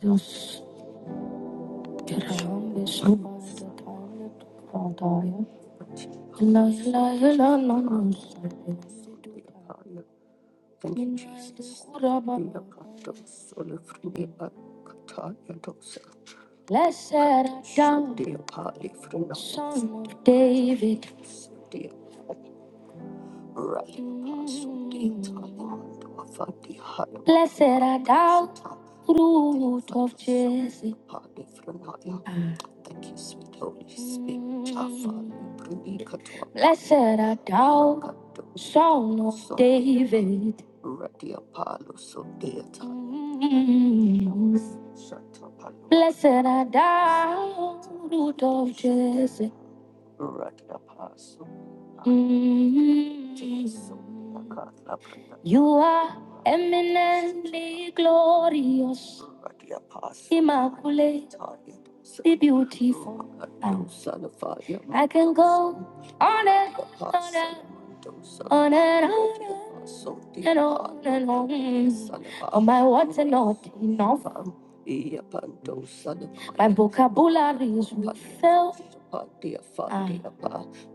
Thank you, Jesus. Blessed art thou, Son of David. Blessed are thou, root of Jesse. Ah. Thank you, sweet Holy Spirit. Mm. Blessed are thou, Son of David. Mm. Blessed are thou, root of Jesse. Mm-hmm. You are eminently glorious, immaculate, the beautiful. I can go on and on and on and on and on and on. Oh, my words are not enough. My vocabulary is filled.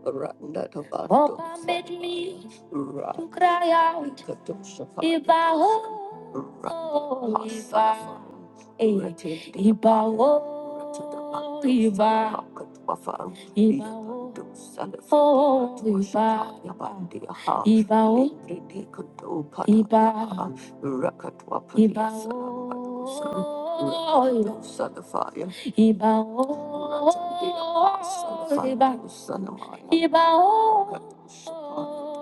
Papa made me to cry out Iba oh Iba eh, Iba oh Iba Iba oh oh, Iba Iba oh Iba Iba oh Ibawo, iba, ibawo,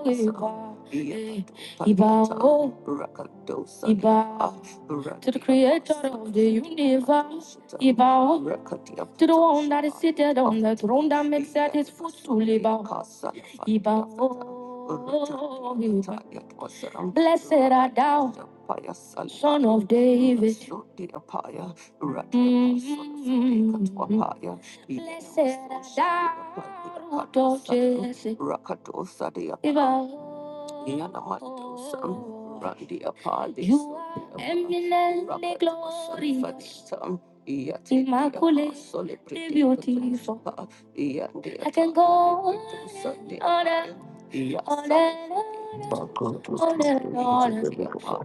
iba, eh, To the creator of the universe, ibawo. To the one that is seated on the throne that makes at his footstool, ibawo, ibawo, iba. Blessed art thou, son of David. You are eminently glorious, immaculately beautiful. I can go on and on and on and on and on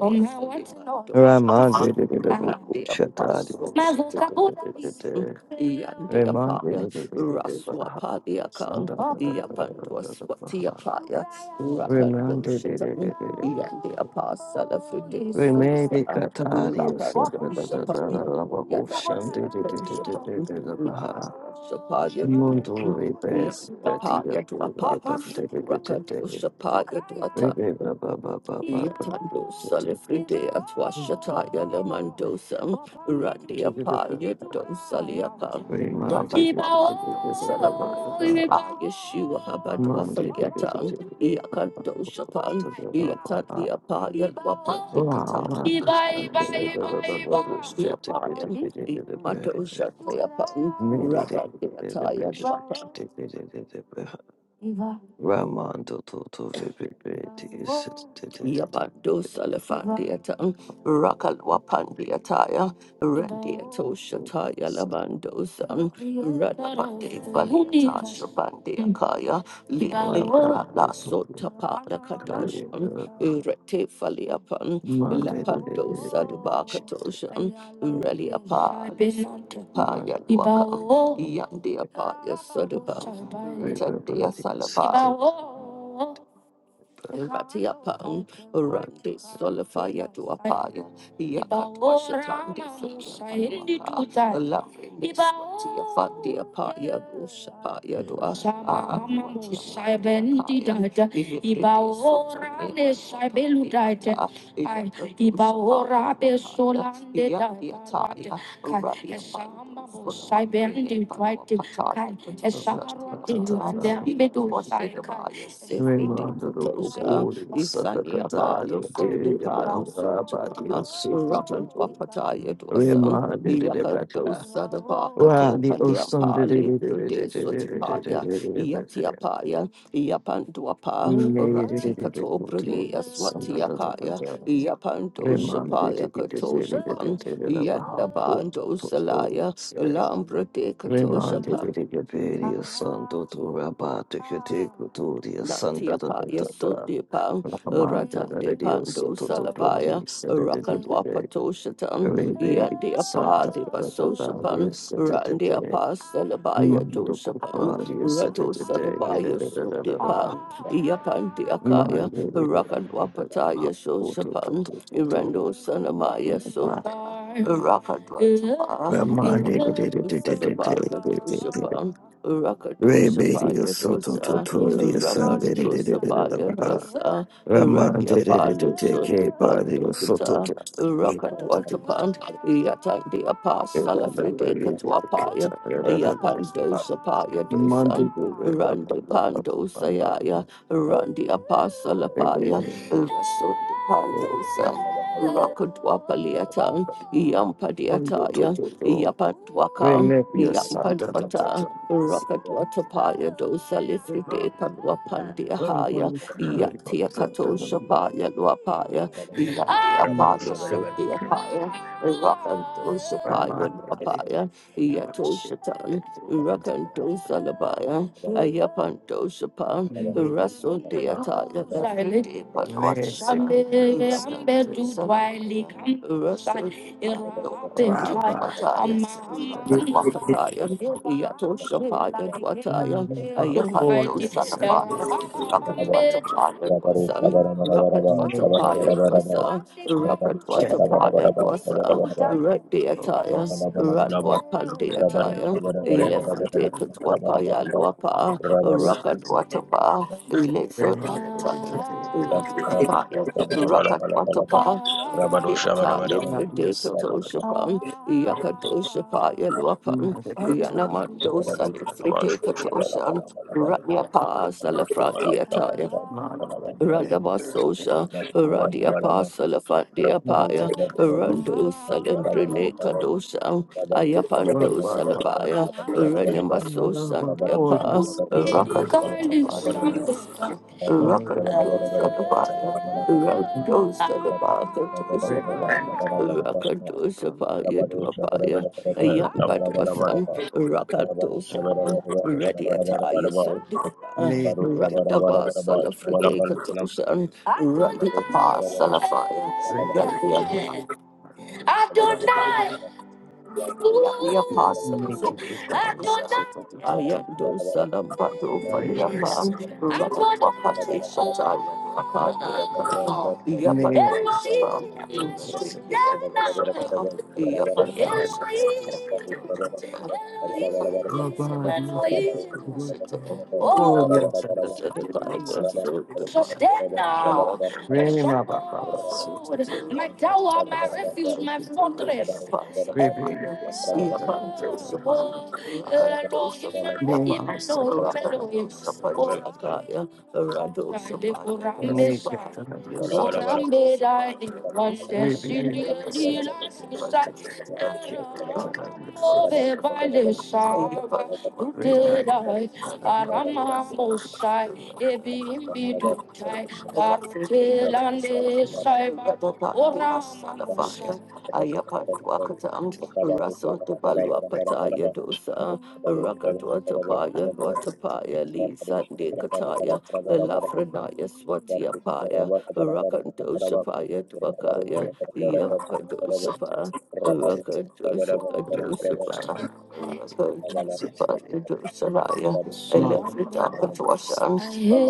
Oh, my, what's Raman enough? de de de de bu Randy şata de de Apostle de de de de Yandi de de Raman de Apaya de de de de de Raswa baha Padia Kang Sanda da da da da da Yapandwa da da baha Swati Apaya Raman Rakando de de de Shatan de de de de Yandi Apostle of the Day Remeli Susa katari Rakando sabda da da da Shatan da da bahu Yada şan de de de de de de Shatan de de baha Shapaya Mundu Yandi ribes gatiya Apaya to bu Apa riban de de de de Rakando de Shapaya to Ata, Rebe ba ba ba Yatando Salifride at Washataya Lamandosam, Randy Apa Ramando Yendo Saliapa, Rabba Salamaya, Ayeshua Habadwa Faliatan, Yakando Shapan, Yatandi Apa Yelwapa Nikata, Randy Apa Matosha Toto Yapan, Rabba Yataya Wapa. Vibibit is Yabando Salafandiata, Rakalwapandiataya, Randiato Shataya Labandosa, Radabandi Baluta Shabandiakaya, Likrala Sotapa Lakadosa, Rete Faliapan, Monday Lapando Sadabakatosha, Reliapa, But Paya Waka, Yandiapa Yasodaba, we were Retadia planning something Salaba. but Ratiapan, Rati Solifaya to Apaya, Isani Tatari. Raymond the do Cupuri, Santa abalo Catarina, so de Tiri, palo so Bamba, to pa Badio, Rakan Supitinto, Papataya to a son, Rimando de Yakato Debaca, Sadabaka to Radi, Osum, Paliapa, de Debaca, Libro de Sotipaya, Yatiapaya, Yapanduapa, Nere de Ratika to Debacutu, Prolea Santa Swatiakaya, Catarina, Yapando Rimando de Shapaya Kato Shapan, Debaca, Baha, Yadabando Salaya, Porto, Lambro de Kato Reminded Shapa. that it could be the son to to rabat to critique to the son da Nantiapa da da Paya da da. Sundi Pan, Rata Reminded that de it is so Pando to to to the Sadapaya, said that it Rakan could be Wapato Shatan, remade Yandi son da de da da da Baso da the Shapan, said that it Randi did. Apa Salabaya to Mando Shapan, Kupar, you said Rado it today. Sadabaya Sundi Pan, Yapandi Akaya, Reminded Rakan Wapataya So to to Shapan, to to to. Irando Sanamaya Sundi, Rakan Wapata, Reminded Sadabaka to it Shapan. Rakadosa Rebedia Paya soto dosa totoria Rakadosa sandereba. Payadosa, Raman Radia did to Palo take Sundi a body Pando of soto. Kuta, Rakatwatapan, Yatan de Apostle of Rede Katwapaya, Yapandosa Payadosa, Mandu Randi Pandosa Yaya, Randi Apostle Apaya, Rasundi Pandosa. Rakadwapaliatan, Yampadiataya, Yapatwakam, Remember Santa Tata. Yampadwata, Rocket Watapaya dosa lifrite panwapandia haya yatia katosha Santa paya luapaya yatia Rabado paya Shabalaban, sotia paya rocket rakantosha paya Rama luapaya yatosha rocket dosa labaya ayapantosha pan raso dia taya lifrite panwacha Mexico, Raso Rocket Rabba, water Rabado Shabarabarabarabar, fire, Shabarabarabarab, Rabado rocket Shabarabarabarab, Shabarabarab, Mokalabalabalab, Rabado Shabarabarabarab, Shabarabarabarab, Rabado Shabarabarabarab, Yes, water fire, Rema, Shabarabarabarab, Rabado Shabarabarabarab, Rakat Shabarabarabarab, Watapa, Shabarabarabarab, Shabarabarabarab, Yata Shabarabarabarab, Lifri Mokalabalabalab, yes, Dekatoshapan, Yakadoshapa Make Yelwapan, Yanamato Salifri Dekatoshan, Ratnia Pa Salafra Randabasosha, Radia Pasalafandia Rabado Paya, Shabarabarabarab, Rando Salembrene Shabarabarabarab, Kadosha, Sabar, Ayapando Salabaya, Renemaso Sandia Pa, Rakadosha, Rakadosha, Rakadosapaya Dwapaya, Ayamba Dwasan, Rakadosapa, Ready Attire Sodia, Radaba Salafride Katoshan, Radi Apa Salafaya, Radi Apa. Adonai! the apostles. it your body, something to do, the Ayando Salambado very Faliapa, breast, Rapapati Shataya, Rabba Apatiaka, Name. So you said it. And I said, "Oh, God, you are so good, you are good." Cool, you are such a good dude, you are such a good dude. my Really, my Baba was so stronghold, good, so good, so my tower, my good, refuge, so my good, so fortress. Really, so Rabbit, I so so so Really, Really, really, really, so so so Rabba Ayapa Russell de Balua Pataya Dosa, Rakadwata Paya, Luatapaya, Lee Sande Kataya, Lafranaya Swatia Paya, Rakandosha Paya Dwakaya, Yampadosha Pa, Rakandosha Padosha Pa, Rakandosha Paya Dosalaya, Electrica Katwashan,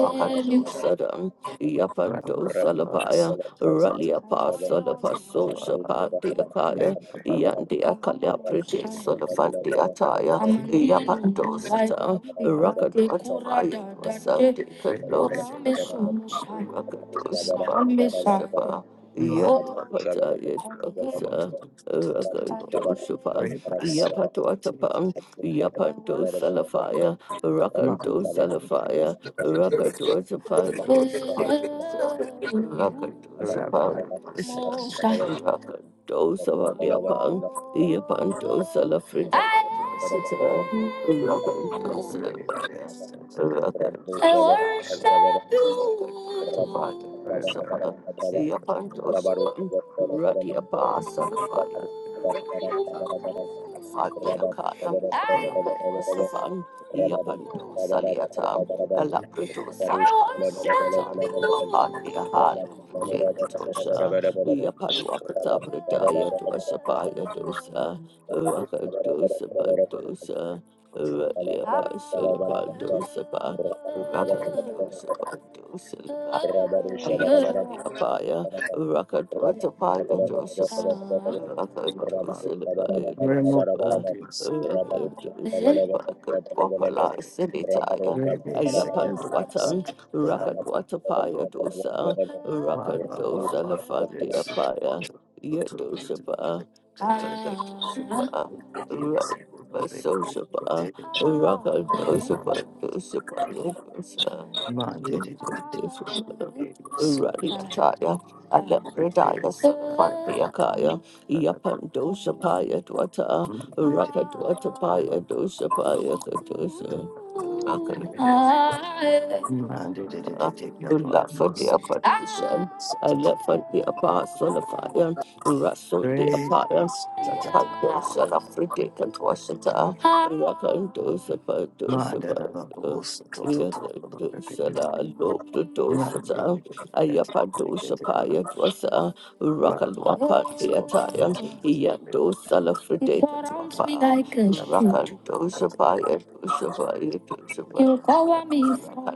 Rakandosadan, Yapandosalabaya, Ralia Pasalapa Sosha Shabbat Pati akaya. Yandi Akalia Pretty Mom, Solofanti Attire, Yes. Yapando Sata, Rakado Tapaya was Sunday Kalo Sapa, Rakado Sapa, Sapa, Man, Yapata Yakasa, Rakado Sapa, Yapatuatapan, Yapando Salafaya, rakanto Salafaya, Rabadu I worship you. Rakatosa Padosha, Iapantosa, Radia Pasa La Fire. Fatia Kaya, Alacritus, Ekatosha, Yapaduakata Pradaya, Dwashapaya Dosa, Rakadosa Bandosa, Rabba Ralia Pasula Bandosa, Rakadosa Bandosa, Ayapaya, Rakadwatapaya Dosa, Rakadosa Paya Remove all Dosa, this. Rakadosa Pakatwapala Senitaya. Maybe significance Ayapandwatan, at the time of Rakadwatapaya dosa, Baba Rakadosa Baba. they sit to get lafandiapaya, to Yedosaba, the Rakadosaba, Rakadosaba, Rakadosaba, Dosaba, Yadosa, Mandate Yakadosaba, Radiataya, Alepredaya, Safandiakaya, Yapandosapaya dwata, Rakadwatapaya dosapaya kadosa. I love love for the opposition. I love for the the Ma, da, da, da, bus to to to to to repeat repeat. the Ma da, opposition. da, fire. da, get it Ayapadosa get it da, da, paya dosa Ma da, da, da, Rakalwapa to to to Deataya, to to to Yando repeat. Salafride, Rakando Ma da, da, get it Shapaya, get Shapaya, it Shapaya, You get cover it. me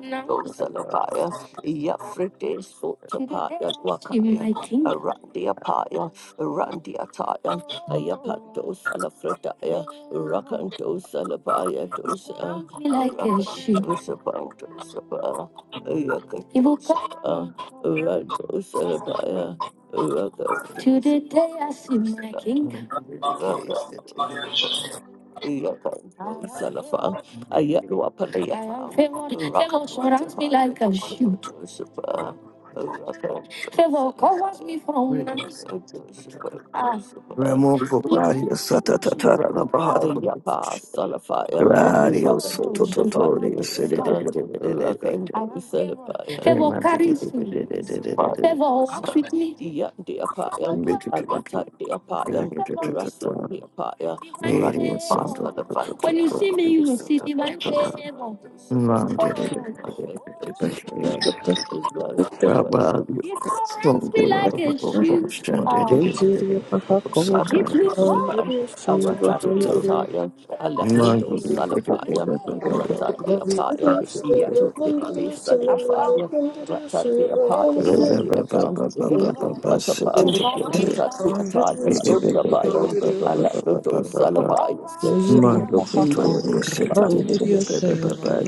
now. Rakando Ma da, da, Salapaya, yes. Yafride Sotapaya, Wakaya, Randiapaya, Randiataya, Ayapando Salafridaya, Rakando Salapaya, Dosa, Rakando Shapaya, Dosa, Ayakando Shapaya, Rando Ma Salapaya. da, To da, the day I see my kingdom. the case that you really need. Salafan, I yet do up a lay Favor surrounds me like a shield. Ma da, da, da, Favor covers me from now. Ah. Remoko Praia Sata da, da, Yapa, Salafire, Radio Rakan to Soto Savaya, Totorio do City. Sa, Rakan do Savaya. Favor carries me. Ever walks with me. Yan de apaya, arata de apaya, raso de apaya, rani Radio Soto pasta the fun. When you see me, you will see divine favor. Oh. Totorio It surrounds me like a shield. Oh Injiri a replica, Bahakurandirio a rata de Shivahandirio attire, a leprodo salafire, a rata de Randirio apire, yato de Shivahandirio palisa de Sumimini afire. Handirio Rata de apire, Shivahandirio Mando supriata, yato atapan, rata de Randirio attire, suprabaya, Shivahandirio a leprodo salafire, Injiri Cotorio said to the social, Bahakurandirio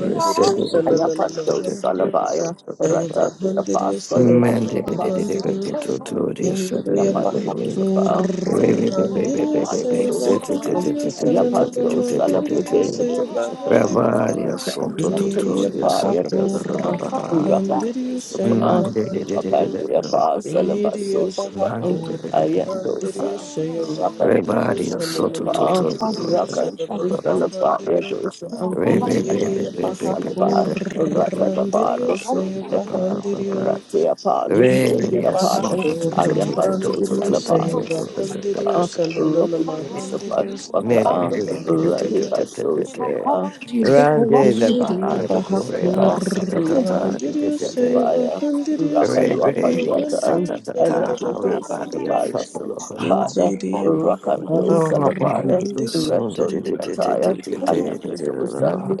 you said Sananana Ayapanto Handirio Salabaya, Rata the Shivahandirio Apostle of Sarada the Apostle, Bahandirio Mandatoria said it Indriya in the Yapanto baby. Bahakur, Sapa, Baby, baby, baby, Andriya Rata baby, Sayaba said it. Sosapa, Andriya Ayapanto Sananadama Andriya Salapide Sayaba Sosapa, Ravaria Santo Rapanto Indriya Totoria Sapa, said the Bahakur Yatos, Baha. Andriya Rapanto Sapa, Sayaba Andriya Rapanto Apostle of Indriya Sosapa, Everybody Bahakur Andriya Ayandosa, Sayaba Andriya Rakandosa, is so to to Sananadama Lapa, to. Andriya Rakandosa, Sananadama Lapa, Andriya Yandosa, Indriya Ayamandosa, Lapa, Bahakur Ratapapa, Andriya Lusso, Sayaba Yapa, Andriya Ratiapa, Lusso, Injiriya Radio Yapa, so to Bahakur to to to to to Ayapandosa, Randirio to to Lapa, to to Seva Yasosa, to. Rokandosa, Pantuaka, Radibaso, Sapa, Do you think I Rande want the you to? Bahando Yadosa, Coreba Satata Rakandosa, Lapa, Rebe Rakandosa, Lapa, Satata Elevate Rabadio Salabaya Fataloba Sundabaya, Rakando Oh, upon Salabaya, you, so Reto did it, it, it, it, Niataya, it, it, it, it, Alakado Sandi it,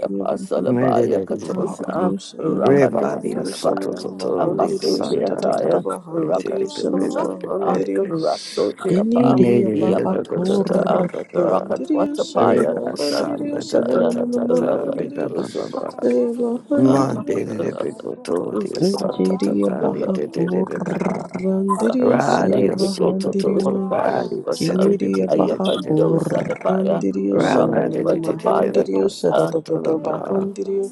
made it a baba. Katosa, Rakando Rebadi, a sort of Salabaya, totally Amaso sun, and a baba. Niataya, Rakando Salabaya, Raso Made Niapa, it a da da da Yapatosata, da da. Rakatwatapaya, Reba sun, da da da da Sandiataya, da da. Reba Rakando ba ba ba. Salabaya, Monday, the people Rakando told the sun, da Salabaya. da Injiriya da, Rakando baha it, it, it, it, Salabaya. baha. kurandiriyo Rapid, saya Radio Soto what's bahandiriyo a Toto fire? Radio City kiniriya baha Those, uh, kurandiriyo rapid, Maybe sananana what's a fire? mahandiriyo those saratata bahandiriyo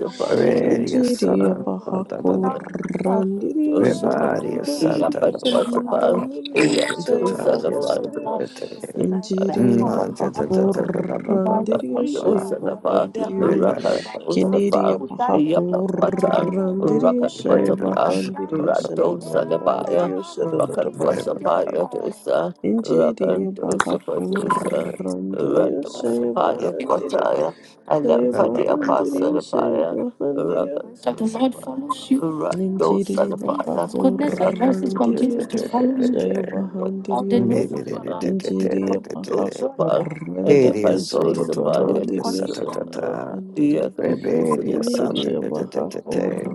injiriya are baha kurandiriyo Joseph, saya Yapatwatapa, Sananamahandiriyo, Yandosalapa, Sayabahandiriyo, Injiriyo, Bahakurandiriyo, Dosalapa, Sayabahandiriyo, Kiniriyo, Rakadosapa, Yapatwata, Bahakurandiriyo, Rakadwatapa, Sayabahandiriyo, Radosalabaya, Sananamahandiriyo, Saradabahandiriyo, Rakadwasapaya dosa, Injiriyo, Rakadosapa dosa, Bahakurandiriyo, Radosapaya Sayabahandiriyo, dwataya, and that for the Sayabahandiriyo, apostle Sayabahandiriyo, that the Lord follows Injiriyo you. His goodness and mercy bahakurandiriyo continues to follow you shayo all the bahandiriyo days of your life. You Injiriyo will continue to enjoy bahakurandiriyo Beria the shayo house santo of the tutoria bahandiriyo santa Lord. tata. You will shanmahandiriyo continue to enjoy Reberia him. santa Iniriyo tete.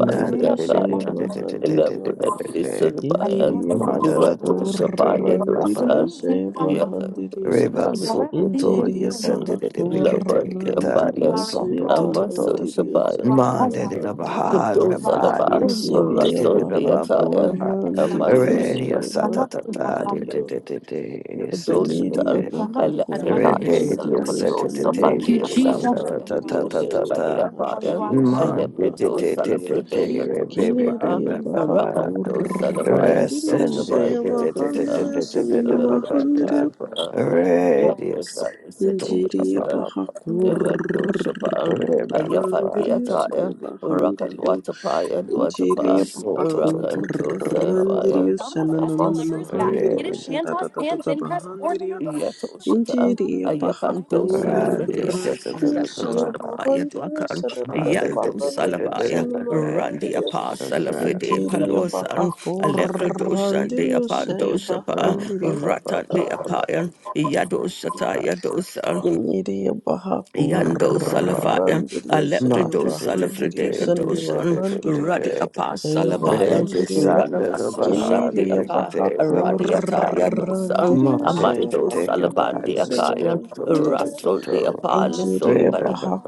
Nada de de de shayo de de de de de de bahandiriyo de Elabra, de de. Salabaya, Iniriyo Mada da da Irato da Shabaya tutoria ba ba bahakurandiriyo Dosan, ba. shayo Yakando bahandiriyo Reba Shabaya, sukutoria Injiriyo santa de de bekete Labadia kataria bahakurandiriyo Baya, shayo santo Amaso tutoria. bahandiriyo Shabaya, Manda de la shanmahandiriyo baha Kado Salaba, rabaria santa Injiriya de Raso de ba baha ba ba ba Deataya, ba. Amaso korandiriyo Reberia santa tata de de Shabaya. sebahandiriyo de de de. Santa de kiniriya Dosatan, de. baha Electritai, Rebellious korandiriyo Salapadosa, Thank you, Sagittarius, um, da Jesus. da da da senanananamahandiriyo da da da. sebahandiriyo Man, di di Alepredo di di senamahandiriyo di salafrede di, rebellious, katoshapa, kiniriya ba ba baha ba. Rakando salabaya korandiriyo Resen, di sochaba di di di di di dokasa, sebahandiriyo di di di di di, ba ba Rakando ba. senanamahandiriyo sapa, Radius, Lepredaya to ba Injiriya ba sekadosa, ba ba baha ba ba ba. Evadoshapa, Re ba ba ba, Ayafati kurandiriyo da da. saya ataya, Rakan bahandirio. watapaya, Injiriya Yes, to baha to to to to, Rakanto kurandiriyo Salafaya, shananana Amaso, mahandiriyo sharatatata bahandirio. Yato Shata, Injiriya baha Ayapanto Salafrede, da da kurandiriyo da da Yato saya Shapaya bahandiriyo Dwakan, Man, sharatatata di di Yando di di bahandirio, di Salafaya, di Randi shanamahandiriyo. Apa di di. Salafrede Injiriya baha Palosan, Alepado Shande kurandiriyo Apanto saya Shapa, Monday, bahandirio. Ratan de Apayan, Yado Shata Yeniriya baha Yando Salafaya, kurandiriyo saya Alepredo bahandiriyo Salafredeka Dosan, sanmahandiriyo Radi Apa saya Salabayan, bahandiriyo Radamaso Shakti Yeniriya Apa, baha Radiataya Dosan, kurandiriyo saya Amando bahandiriyo Salabandi Akayan, sanmahandiriyo Rasun de Anjiriya Apa, baha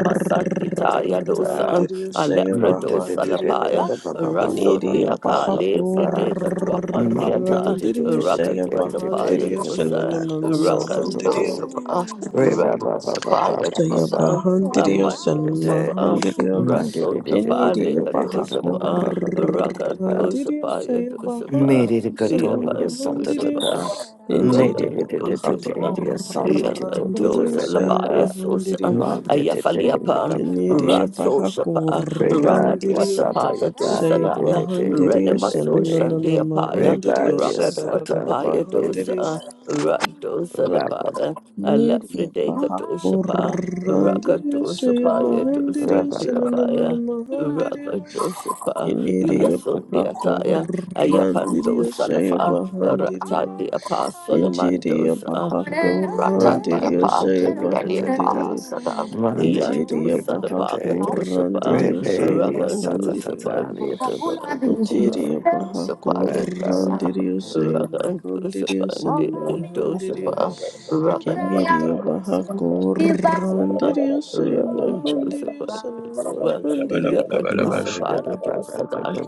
Masantitaya dosa, saya Alepra dosa bahandiriyo lapaya, Raso de Yeniriya baha Akali, Frideka to Apandiata, kurandiriyo Raka saya to Atapaya bahandiriyo dosa, Rakan sanananamahandiriyo dosa, Mande Radosapaya Soya dosa, bahandiriyo san Amandosapa, mahandiriyo Raso de keniriyo Pandeka bahako dosapa, Raka randiriyo dosapaya soya dosapa, bahandiriyo san Yapan mahandiriyo dosapa, Raka injiriyo bahako dosapa, Yakan randiriyo dosa soya labaya sosa. bahandiriyo te te re Ayafaliapan, ba ba ba ba keniriyo Rato ba. bahako Shapa, Re ba dia Rakadwa randiriyo sa ta ta Shapaya ta soya di di di Dosadaya, di re bahandiriyo re re Renemaso re. sananana Re Shandiapaya, ba mahandiriyo dia sa Rakadwa sararara ta di Tapaya di bahandiriyo Dosa, Radosa ra ba ba Lapaya, Need it Alafrideka Doshapa, Bahakurandirio Rakadoshapaya ra Dosa Shivahandirio ba ba Diapaya. Shanananamahandirio Rakadoshapa, ba Iniri Yasodiataya, Ayapando Bahakurandirio say Salafa, bahandirio, Ratati Apa Injiri Solomandosa, ra ba Ratati Bahakurandirio ra Apa, te say te te te te. Radiapa bahandirio, Sada, Monday, Yanto Injiri Sadapaka Tuesday, Toshapa, Bahakurandirio say Rebelia, Rakan Santa bahandirio, Toshapa, Tatalia, Injiri Sapaya Tosa, Bahakurandirio say Rakan bahandirio, Toshapa, san mahandirio. Toshapa, Rakan Kennedy Bahako Randidius Bahandidius Shabala Toshapa, Mahandidius Yaka Mother, Toshapa, Tosada,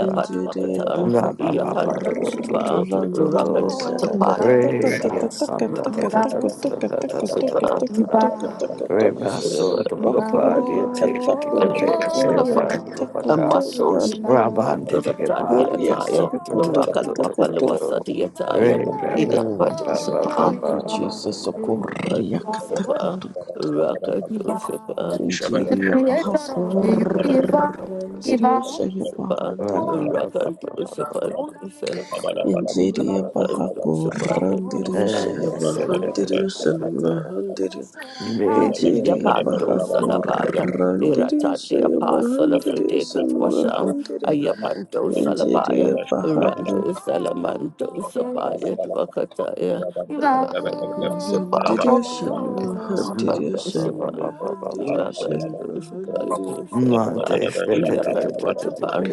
Injiri Bahako Yapan Toshapa, Rakan Randidius at a Toshapa, Rebelia, Santa Rakan Tatalia, Toshapa, tatatatatatatatakatakatakatakatakatakatakatakatakatakatakatak a Rebasso, the Okoria Glopadia, taking a Katakoto baby, Koria Katakoto muscle, Nanama Rabban, taking a Ratati party, Koria and attire, so, Katakoto Rakan Katakoto Wapalawasa the attire, Ray, Ida Mm. Patusapa, Thank you, Jesus. Okoria Katakoto Rakan Katakoto Rakan Dosapa, the Injiriya paha creator of the universe, kurandiriyo saya Dosapa, bahandiriyo. Monday, Rakan Dosapa, Dosapa, Injiriya paha Rakan kurandiriyo Dosapa, saya bahandiriyo san Dosapa. mahandiriyo. Injiriya Yapando paha Salabayan, kurandiriyo Irata the saya Apostle of bahandiriyo Ridicat san Washam, mahandiriyo. Ayapando Salabayan, Injiriya paha Rando Salamando Sapaya Wakataya, Sapa, kurandiriyo san Rabba mahandiriyo Sapa, san Sapa. mahandiriyo saya bahandiriyo. Yakatwatapan,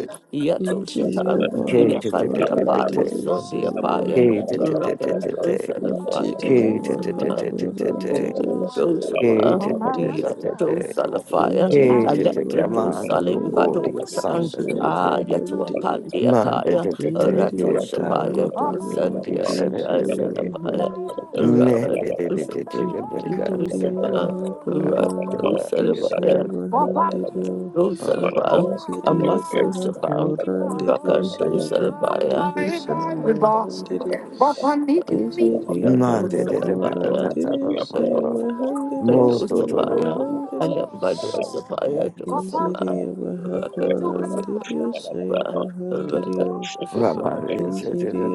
Interior Yatoshatan, Yakandi Bahakoran Apollo, did you say Sunday Thank Apaya, Wahan did you? Rakandos and Interior sapa, fire, Bahakoran did you say those of uh, Oh Wahan we did what's you? are going those on the on? fire, Ah, Interior Alegrado Salim Bahakoran did you Badokatan, say Ah, Wahan Yatua did you? Pandiakaya, Rato Interior Shapaya, oh Bahakoran did Sandia you say Kata Sarapaya, Wahan Mande Raka Dosapaya, Interior Dosapa, Bahakoran Rato did you Sarapaya, Rosalaba, a Interior muscle Shabam, Bahakoran did you Rakanto Salabaya, San Wahan you. Rosabaya, Shabba Injiriya Yato Bahakuran Salabaya. Diriya Saivahan Diriya Kadosapaya, Sanvahan Diriya Alambadosapaya, Dosapa, Injiriya Bahakuran Rakadosapa, Diriya Saivahan Dosapa, Diriya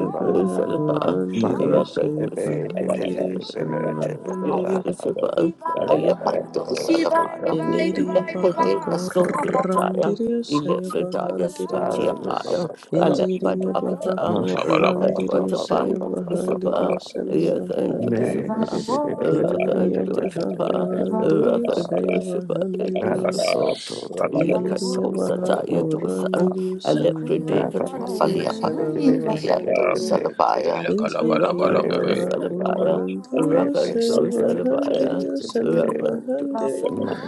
Rakadosapa, Dosalapa, Bahakuran Diriya Rakadosapa, Saivahan Diriya dosapa, Sanvahan Diriya Yotishaba, Ayapando Salapara, Injiriya Lepode Bahakuran Asotiataya, Diriya Elefredaya Saivahan Diriya Swatiapaya, Injiriya Alebadwakata, Bahakuran Diriya Rakadwatapaya Saivahan Diriya Dosaba, Yakan Sanvahan Diriya Dosaba, Injiri Rakan ya baha Dosaba, korandirio Rakan saya bahandirio Dosaba, so to to yes, Yakadosa Tayatosa, Alepredeka Faliapa, Yando Salabaya, Rakando Salabaya, Rakando Regedu Salabaya, Rakando Salabaya, Rakando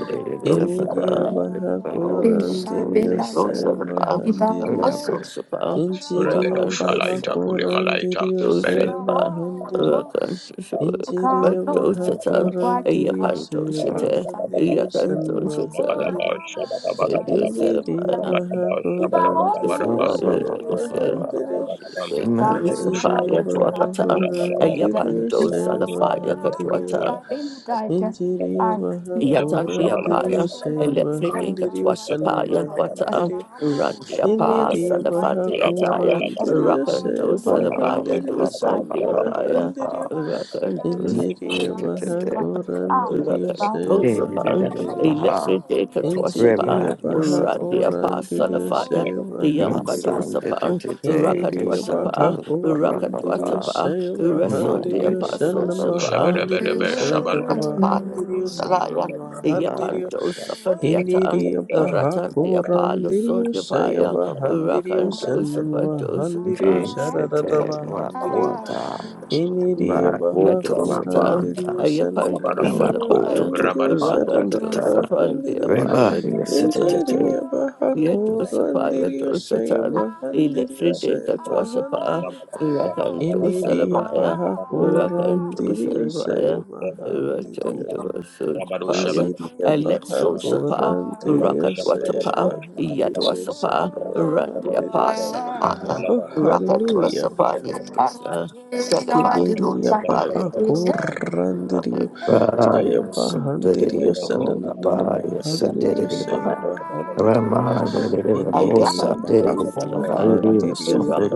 Salabaya, Muscle Sapa, Rakando shalaita kule Salabaya. malaita belen Dosapa, Rakantosapa, Injiriya baha Batosata, korandiriyo seyo Yakantosata, bahadiriyo san Yakantosata, Rabadaba, bahadiriyo shabadabadabadaba, Injiriyo Rakandosabaya, baha rabadaba, korandiriyo shabadabadabadaba, seyo Shabba bahadiriyo Injiriyo baha korandiriyo seyo bahadiriyo Injiriyo baha korandiriyo Rakandosabaya, seyo bahadiriyo san bahadiriyo Iniriyo baha korandiriyo seyo bahadiriyo san bahadiriyo Injiriya Bahakurandiriya Shaya Bahandiriya Monday, Electric Day Katwashapa, Injiriya Reba Yasatana Randia Bahakurandiriya Pasalafaya, Shaya Bahandiriya Masan de Yambadosapan, Tete Eniriyo Rakadwatapa, Santana Bahakurandiriyo Papa Rakadwatapa, Shaya Mount Rasundia de Bahandiriyo Shana Pasosapa, Mahandiriyo Shanatata Rakadwatapa, Mahandiriyo Shanana Salayan, Mahandiriyo Yapando Rabadu Safadiatan, Eniriyo Ratandia Bahakurandiriyo Shaya Palusundivaya, Papa Bahandiriyo Shana Rakandosapa Mahandiriyo Dosapa. Shanatata Jete Mahandiriyo Makwata Eniriyo Makwota Yadosata, Bahakurandiriyo Labanda Shanana Ayapando Makoto Salabaya, to the Mahandiriyo Banda Shanatata Tata Rakandosapa, Mahandiriyo Reba Diapaya, yes, Indiriya baha Yadusapa, kurandiriya saya Yadusatan, bahandiriya Elefrideka saya Twasapa, bahandiriya Rakan to Indiriya Salabaya, baha Rakan to kurandiriya saya Salabaya, Rakan bahandiriya to Sudapaya, Indiriya baha Alexo Sapa, kurandiriya saya Rakatwatapa, bahandiriya Yadwasapa, sana bahandiriya Randiapa Salamaya. Oh Rocket was hallelujah a body, Salabaya, Indiriya baha kurandiriya Radio saya bahandiriya sana nana Rocket. bahandiriya saya bahandiriya Ineriya Ayahan do Salafaya, Bahakurandiriya Raka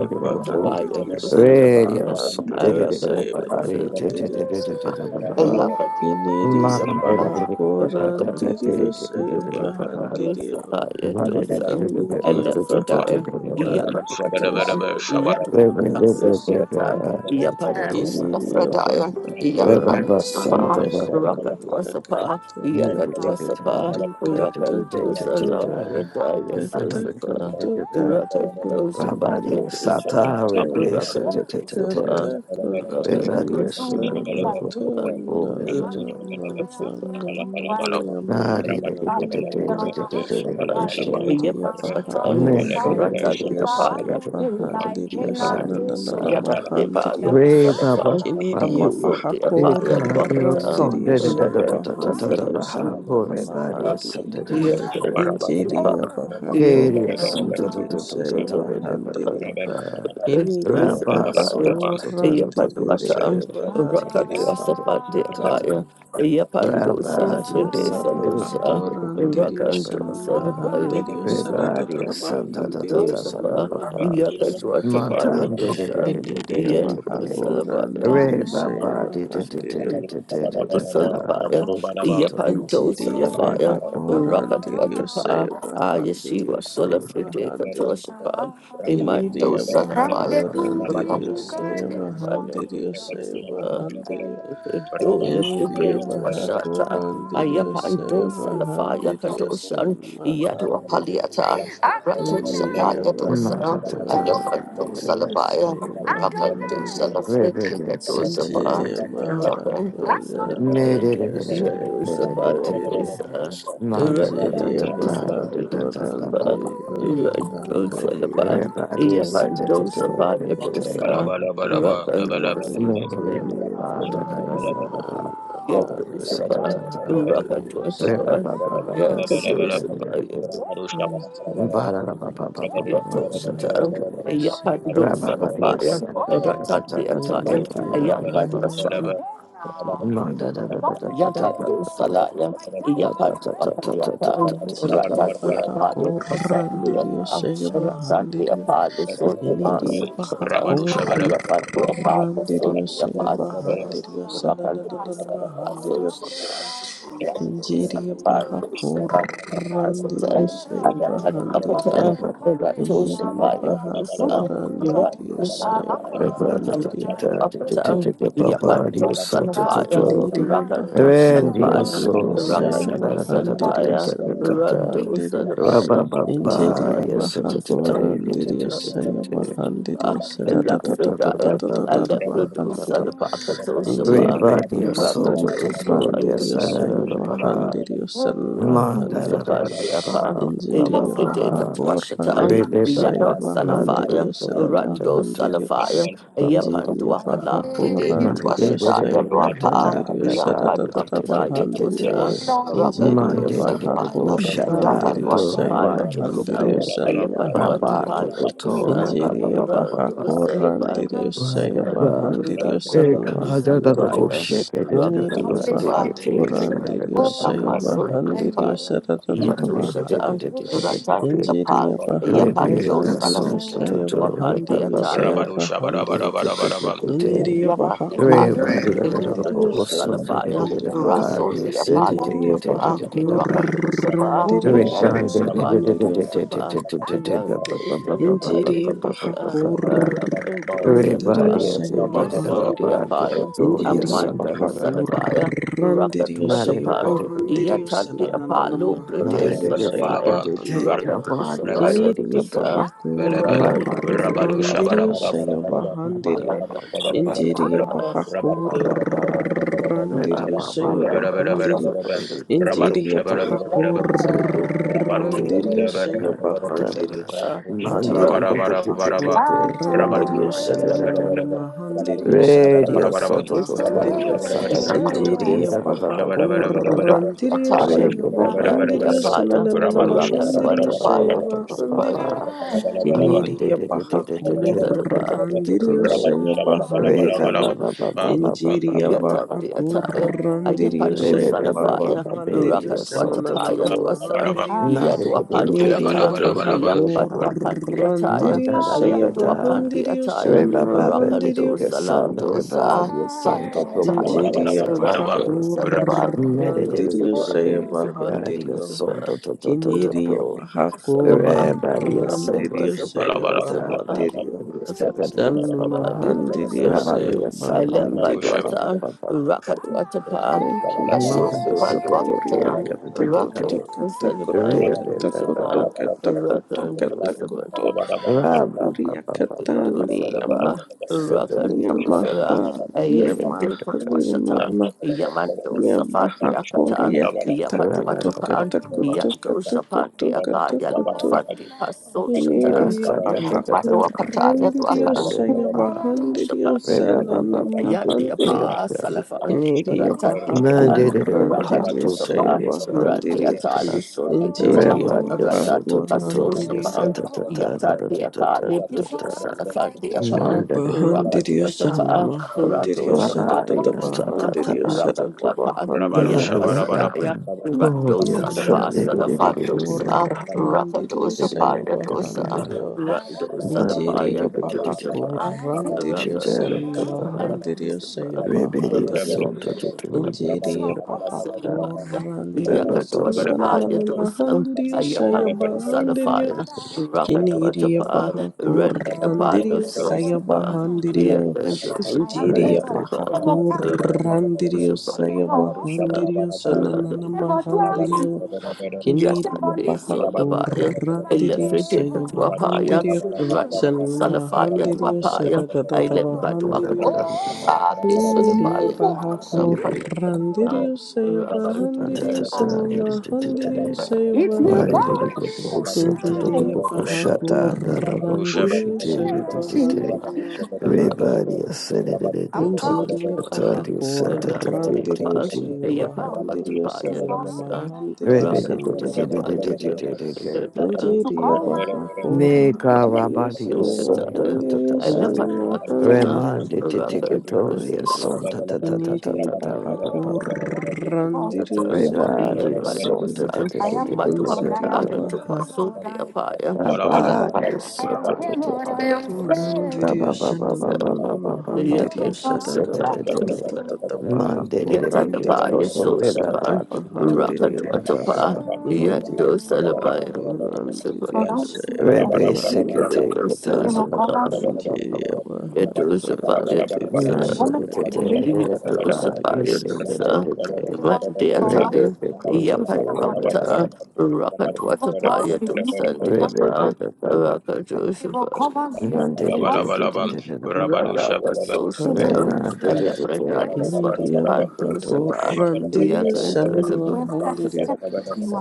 Shabada Tabaya do Salafaya, Sanvahandiriya Arakan do Sevahandiriya Salafaya, O Alaka do Ineriya Salafaya, Arakan Bahakurandiriya do Sevahandiriya Salafaya do Sam, Ineriya Alafridaya, Bahakurandiriya Yakatapa, Yakatapa, Sevahandiriya Sophiatan, Yapandos Ineriya Lafradaya, Yapandos Sapa, Bahakurandiriya Raka do Sekoria Sapa, Kata Kata Rabadi Yakatu Kutu Kata Rakandosa Kutu la pradaya Kata sosaka. koto kata Rakandosa koto paya kata dosa. Sata koto Rebe Sete Rakandosa pa. kata Shabba koto Rebadi Rakandosa kata Sundar koto pa. na na Rakandosa maha na na pa. maya Nadi mama Yada the niya ma kiniriya paha korandiriyo saya pahandiriyo sana na na Amen. na de mahandiriyo Bando Re Baba Salafang, a kiniriya Baku muscle paha de Apaya Eka Deo Wakata, Son korandiriyo Da the Da Da saya Da weather Da Da Da is Da a Da pahandiriyo Baha sana na na Pore Varia Son mahandiriyo Da Da Da Da Da Da Da Da Injiriya the bahako Varia Son Da Da handiriyo Da Da Da shayo Da Da Salafang, Da Da Da Da bahandiriyo. Da Iniriya Rabba Sosabaya, Son Da bahako Da Da Da Da Da Da randiriyo Da shayo Yapaduatan, Da Take a bahandiriyo. son da Rakatwasapandi da da da da. Apaya, Yapando Rabba, your Salafride Injiriya son, da da da da da Salusa, bahako da randiriyo da Rakando da shan da da. Salabaya bahandiriyo Dosa, shadadada Rebellion, Rabadu son, da da da bahandiriyo da da da shan Rosapa, da da. bahandiriyo. Yakatwatapaya Montan, de de de Dosa, de de de Iniriya de de Yendo de. bahako Salabaya. randiriyo shayo Rebaba, de de de de bahandiriyo. de de de de de de. Salabaya, Glory to God. Yapanto Injiriya Salafaya, Rebaba, bahako ba ba Rakat randiriyo Watapa, shayo bahandiriyo Ayashiva shayo ba Solafrite bahandiriyo. Katoshapa, Imanto Iniria baja ba Salafaya, ba. corandirio sea bajandirio sea bajandirio. Do Iniria Lipit baja Washata, corandirio sea Ayapanto Salafaya bajandirio Kadoshan, san Yadua bajandirio. Paliata, Rabba Rakat Iniria Shataya baja Dosan, Monta ta ta. Ayapanto corandirio Salabaya, sea Rakat bajandirio. Salafrite Rebebe, sa de de Katosapa. de Inchiria de de de. Rock baja Ne de de corandirio de de sea de de de de de. bajandirio. Ma da da da Nigeria da da da da da da Mahakurandi da. Akoria Everybody is such a good Katakato Nigeria Maharia Mahandiriya Saya Mahandiriya Thank you, Lord, dear Mahandiriya Saya Mahandiriya Rabadu Nigeria Mahandiriya and Yada do salaya, Yapa Wapayata, Nigeria Rata de Apaya, Asandia, Mahakurandiriya Saya Rata bahan de diriya Apaya, so the Niniria baha Asatan, Ayapa do Apaya, so kurrandirio the saya Apaya, bahandiriyo sana Rata na do na Salava, so mahandirio the Yado injiria Salava, baha do Safari, kurrandirio Apasatan, saya Ayapa do bahandirio Apaya, day. Rato iniria baha Sapaya, do Sa, Yapa kurrandirio do saya Salava, Rabba Ayapa bahandirio Yapato Salafaya, iniria baha Rapato Rabba Salafaya, kurrandirio saya Rapato bahandirio Salafaya, Rapato sananana Salafaya, Rapato injiria baha Salafaya, kurrandirio saya bahandirio Lafredaya, sananana Aleprudo, bahandirio Salapacato, Shapa, Indiriyo baha Rapato, Shapa, kurandiriyo sayo bahandiriyo san Rapato, mahandiriyo. Shapa, Diapa, Indiriyo Electrica, baha Twashata, kurandiriyo sayo Yada, Salafaya, bahandiriyo san Rando, mahandiriyo. Salafaya, Yapan, Indiriyo Duakala, baha Pride, Monday, kurandiriyo Twashata, sayo Yadwapa, bahandiriyo Yamba, saratatata Duakata, bahandiriyo. Yadosa, Rapato, Indiriyo the baha Salafaya, people shut down kurandiriyo to sayo Rapalwatapaya, Rabat to Dosa, bahandiriyo Cope, san Ayapadua Rabat mahandiriyo. to Tapaya Cotore, Dosa, Baba Indiriyo Baba baha Baba, Radosa kurandiriyo Labaya sayo Dosa, Baba, bahandiriyo Rabado san Rakadosa Ekada, the mahandiriyo. Labaya, bullshit, they did the Sunirio Baba, Rakadosa they baja get Shabadabadabadabadabam. taken to the Labaya curandirio Dosa, Baba, shaya Amasul Baba, bajandirio Labaya, saratatata Monday, Yatosata, bajandirio the Ratan people, Apal, injiria baja really, the Yapandosa curandirio song to shaya Lafita, do, Luapan bajandirio Baba, Deataya, shaya Baba, Rabado Shabada bajandirio Uniria baja Yabandi Paya, Everybody got a little curandirio Electrodo shaya bohosun, did it Salafaya, with a bajandirio Russell Bahari, the said it, did injiria it, did it, Apaya, baja did it, Rocket Bahari. Usapa, curandirio Yadu shaya Everybody did it, did Sapaya to it, bahandirio. did it, did Usapa, it, did it, did it, ba- Yadu ba- ba- ba- ba- ba- Salafaya Injiri ba- to ba- ba- ba- Usa, ba- ba. Rocket to Bahakurandiri Salapa, Everybody has Sayo it, did it, Russell ba- Bahandiri the ba- do- do- Apaya, do, yes, Injiri and da- Amandu da- da- da- da. Salafaya, Rocket Bahakurandiri Not Sayo Watapan, everybody did it, did Bahandiri Yatan the it. Sananana Apalo, Not British Mahandiri everybody did Sayo Bada it, did Salafaya, it, did it, Bahandiri Rocket ba- ba- do- Bada Usapaya so- do- to Kiniri do- Usa, do. Ba- Rocket ba- did it, did Rabadu it, Salafaya da- da- Bahakurandiri da- to da. Sayo Usa. Shabarabarabarabarabarabar, Ba- ba- Bahandiri ba- ba- Rock, Rabadu ba- ba- ba- ba- Injiri Shabarabarabarabarabarabar, Rabadu ba- ba- ba- Bahakur ba. Radio randirio saya Shabarabarabarabarabarabar, bahandirio Rabadu Rabadu injiria bahaku Shabarabarabarabarabarabar, Rabadu Shabarabarabarabarabarabar, Rabadu randirio saya Shabarabarabarabarabar, bahandirio Rabadu injiria bahaku Shabarabarabarabarabar, randirio sananana Rabadu Shabarabarabarabarabar, Rabadu mahandirio sarararara Shabarabarabarabarabar, Soto bahandirio Totorio Satata Tele, injiria Rabadu bahaku Shabarabarabarabarabar, randirio Rabadu saya Radio Bevaria bahandirio Shabarabarabarabarabar, Soto sananana Rabadu Totorio mahandirio saya Shabarabarabarabarabar, bahandirio Satata Rabba Monday Kiniria baja currandirio, saya Ray Baba bajandirio, Baba Baba Baba Baba injiria Baba Yata baja de Ataya, Baba currandirio, Manda Ayapado saya Salafaya, bajandirio, sananana Rakatwatapaya Dwasan, mahandirio, Yadwapandi kiniria Atan, baja Ayapadwapandi Ataya, currandirio, saya Ayandwapandi bajandirio, Ataya, sanamahandirio, Rakando Salandosa, Pandi Ataya, injiria baja Rando Salabaya, currandirio, Dosaba, saya Dosaba, bajandirio. Dosaba, Rando Kiniria Salaba, Bahakurandirio Rakatwasapa Saya Dosaba, Bahandirio San Mahandirio Saya Bahandirio. Alembadwatan, Rakatwatapa, Thank you, Rasul Jesus. Sokoria Dipadwakatan, Rakan Katakoto Katakoto Dulcelebaya Monday, Katakoto Dulcepa, Katakoto Rakan Dulceba Katakoto Uria Rabba Katani Dulceleba, Rakan Yamaha, Dulcela, Yamaha, Ayafidipatwashatan, Yamaha, Yaman Dulcefat Yamaha, Diakatan, Korea, Katakoto, Yapatwatapan, Yan Katakoto, Dulcepan Katakoto, Diakaya, Katakoto, Wafati Paso Shatan, Ineria, Baja, Ratwakataya Corrandirio, Dwakan. Shapa, Sayabahandirio, Salanamahandirio, Yandiapa, Salafan, Ineria, Baja, Ratatipa, Corrandirio, Rakadosapa, Sayabahandirio, Radiata, Lusodikata, Injiria, Baja, Ratatipa, Corrandirio, Sosapan, Yatadiaka, Libus, Salafan, Saya Diapa, bahan diri sana Rakadosapa, bahan diri sada Radosapa, tata bahan diri sada tata Rakadwapa, bahan diri Rabarusha Barabaraba Yadwasadaya. Oh, Radosa yes, the ini dia Sunday. Vasa the Fandosa, bahakuran diri Rakadosa Saya bahan yādoṣā. diri Rando Ini dia Salapaya Shaya Kadoshapa, Bahandiriya Shut Rakando down, Shana Mahandiriya Shapa, Shadada Bahandiriya Rando Shadada Bahandiriya Salapa, Iniriya Bahakurandiriya Shaya Bahandiriya Injiriya that Salapaya, Bahakurandiriya up Shana Yakadoshapaya Dosan, Mahandiriya Shaya Bahandiriya Injiriya Bahakurandiriya Shana saya Shaya Ayapando Bahandiriya Salafaya, Kiniria Rakadotapa, Bahakur Randy Apando Randirio Saya Sosapa, Bahandirio Yakando Interior ণরিয়ারেমারিসা Shapa, Bahakur সেলেগব. Rakando Randirio Saya আইমারগওদারি Shapa, Bahandirio Sananana Rakando Mahandirio Kiniria Yatande Bahakur Sodabaya, Randirio Elefrite Saya Tuapaya, Bahandirio Rat San Salafaya Mahandirio Duapaya, I let সেমারেমারে. Baduaka, Ah, this Injiriyo Injiriya Sodabaya, baha Sapaya, Rabadusha, kurandiriyo Rakan If you go a with me bush, tonight, Everybody ascended and they go I'm to counting on the confident. tardy I am. subject of the favored, continue I to am. weapon. I've Meka Rabadio Sonda seva I'm Tata handiriyo sanma Remandi I've Titicatoria I'm I'm Sonda Tata Tata Iniri Bahakur Tata Randiru Rebadio Sabahandiru Sonda Insiri Baha Rabadio Sonda Rabba Urandiru Sananana Mahandiru Ramadus, Yes, Sadatata Monday did Bahakur it became Yatadaba, Randiru Toto River Sadatata Yasosapa, Papa Toto Bahandiru River Papa Rakadwatapa, Papa Iniri Yando Papa Salabaya, Bahakur Randiru Rebbe Sikate Sabahandiru Katana Papa Sapa, Papa Papa Iniri Papa Yadosa, Bahakur Yadosa, Randiru Monday Sabahandiru Bikate did Papa Yadosa, Yusin did it Yadosa, Monday Rebbe attire, Bikoto River Yapatwapata, Papa Rakatwatapa, Yadosa, Rebbe Diapa, Papa Papa Rakadosha, Rabba Monday did it did it Papa Radapa Soshita, Randiru Rebbe did it did Alepradaya it Swati Injiriya baha Toto Pandosapa, Thank korrandiriya Yakandosapa, sanvahandiriya.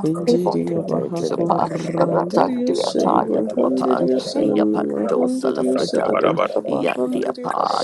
Injiriya baha Sapa, you. korrandiriya Ratandia Taya to Apan, saivahandiriya Yapanto sananvahandiriya Salafradaya. satatatata Yandia bahandiriya. pa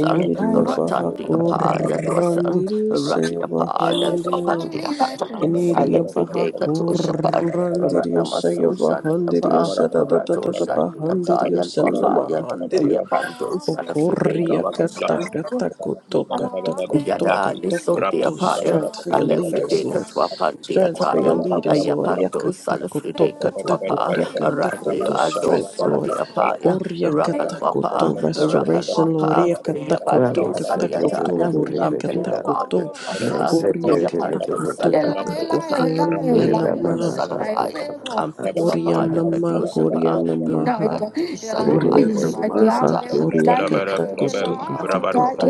Rabba Iniria baja Ratandia pa yadosan, corrandirio se Ratia pa bajandirio. yadopandia patan, Iniria baja Alephide katoshapan, corrandirio se Ranamasosan Rabba bajandirio pa, se da da da da da Ratosan bajandirio ataya se luapayan, namahandirio. Yapandos alafide Ocorria kata katosan, kata koto kata koto Yada kata Lisotia koto. Paya, Strength for a your leaders, Lefrideca Lord. Twapandia Strength for your Tayan, a leaders, Lord. Yapato Yakata koto Salafrideca to kata a Pa, koto a kata Randi koto. Ado Strength, Lord. Sundia Paya, a Korea katakoto Rakalwapa, a restoration Rakalwapa, a loria katakoto Yapato katakoto Saliatayan, koria a Pelwapa, katakoto a Twasa, koria Yapando katakoto katakoto nia nama Salafaya, koria Ampeluapaya, nama Kadosapa, koria namaha Salafaya, koria Rabado namaha koria katakoto katakoto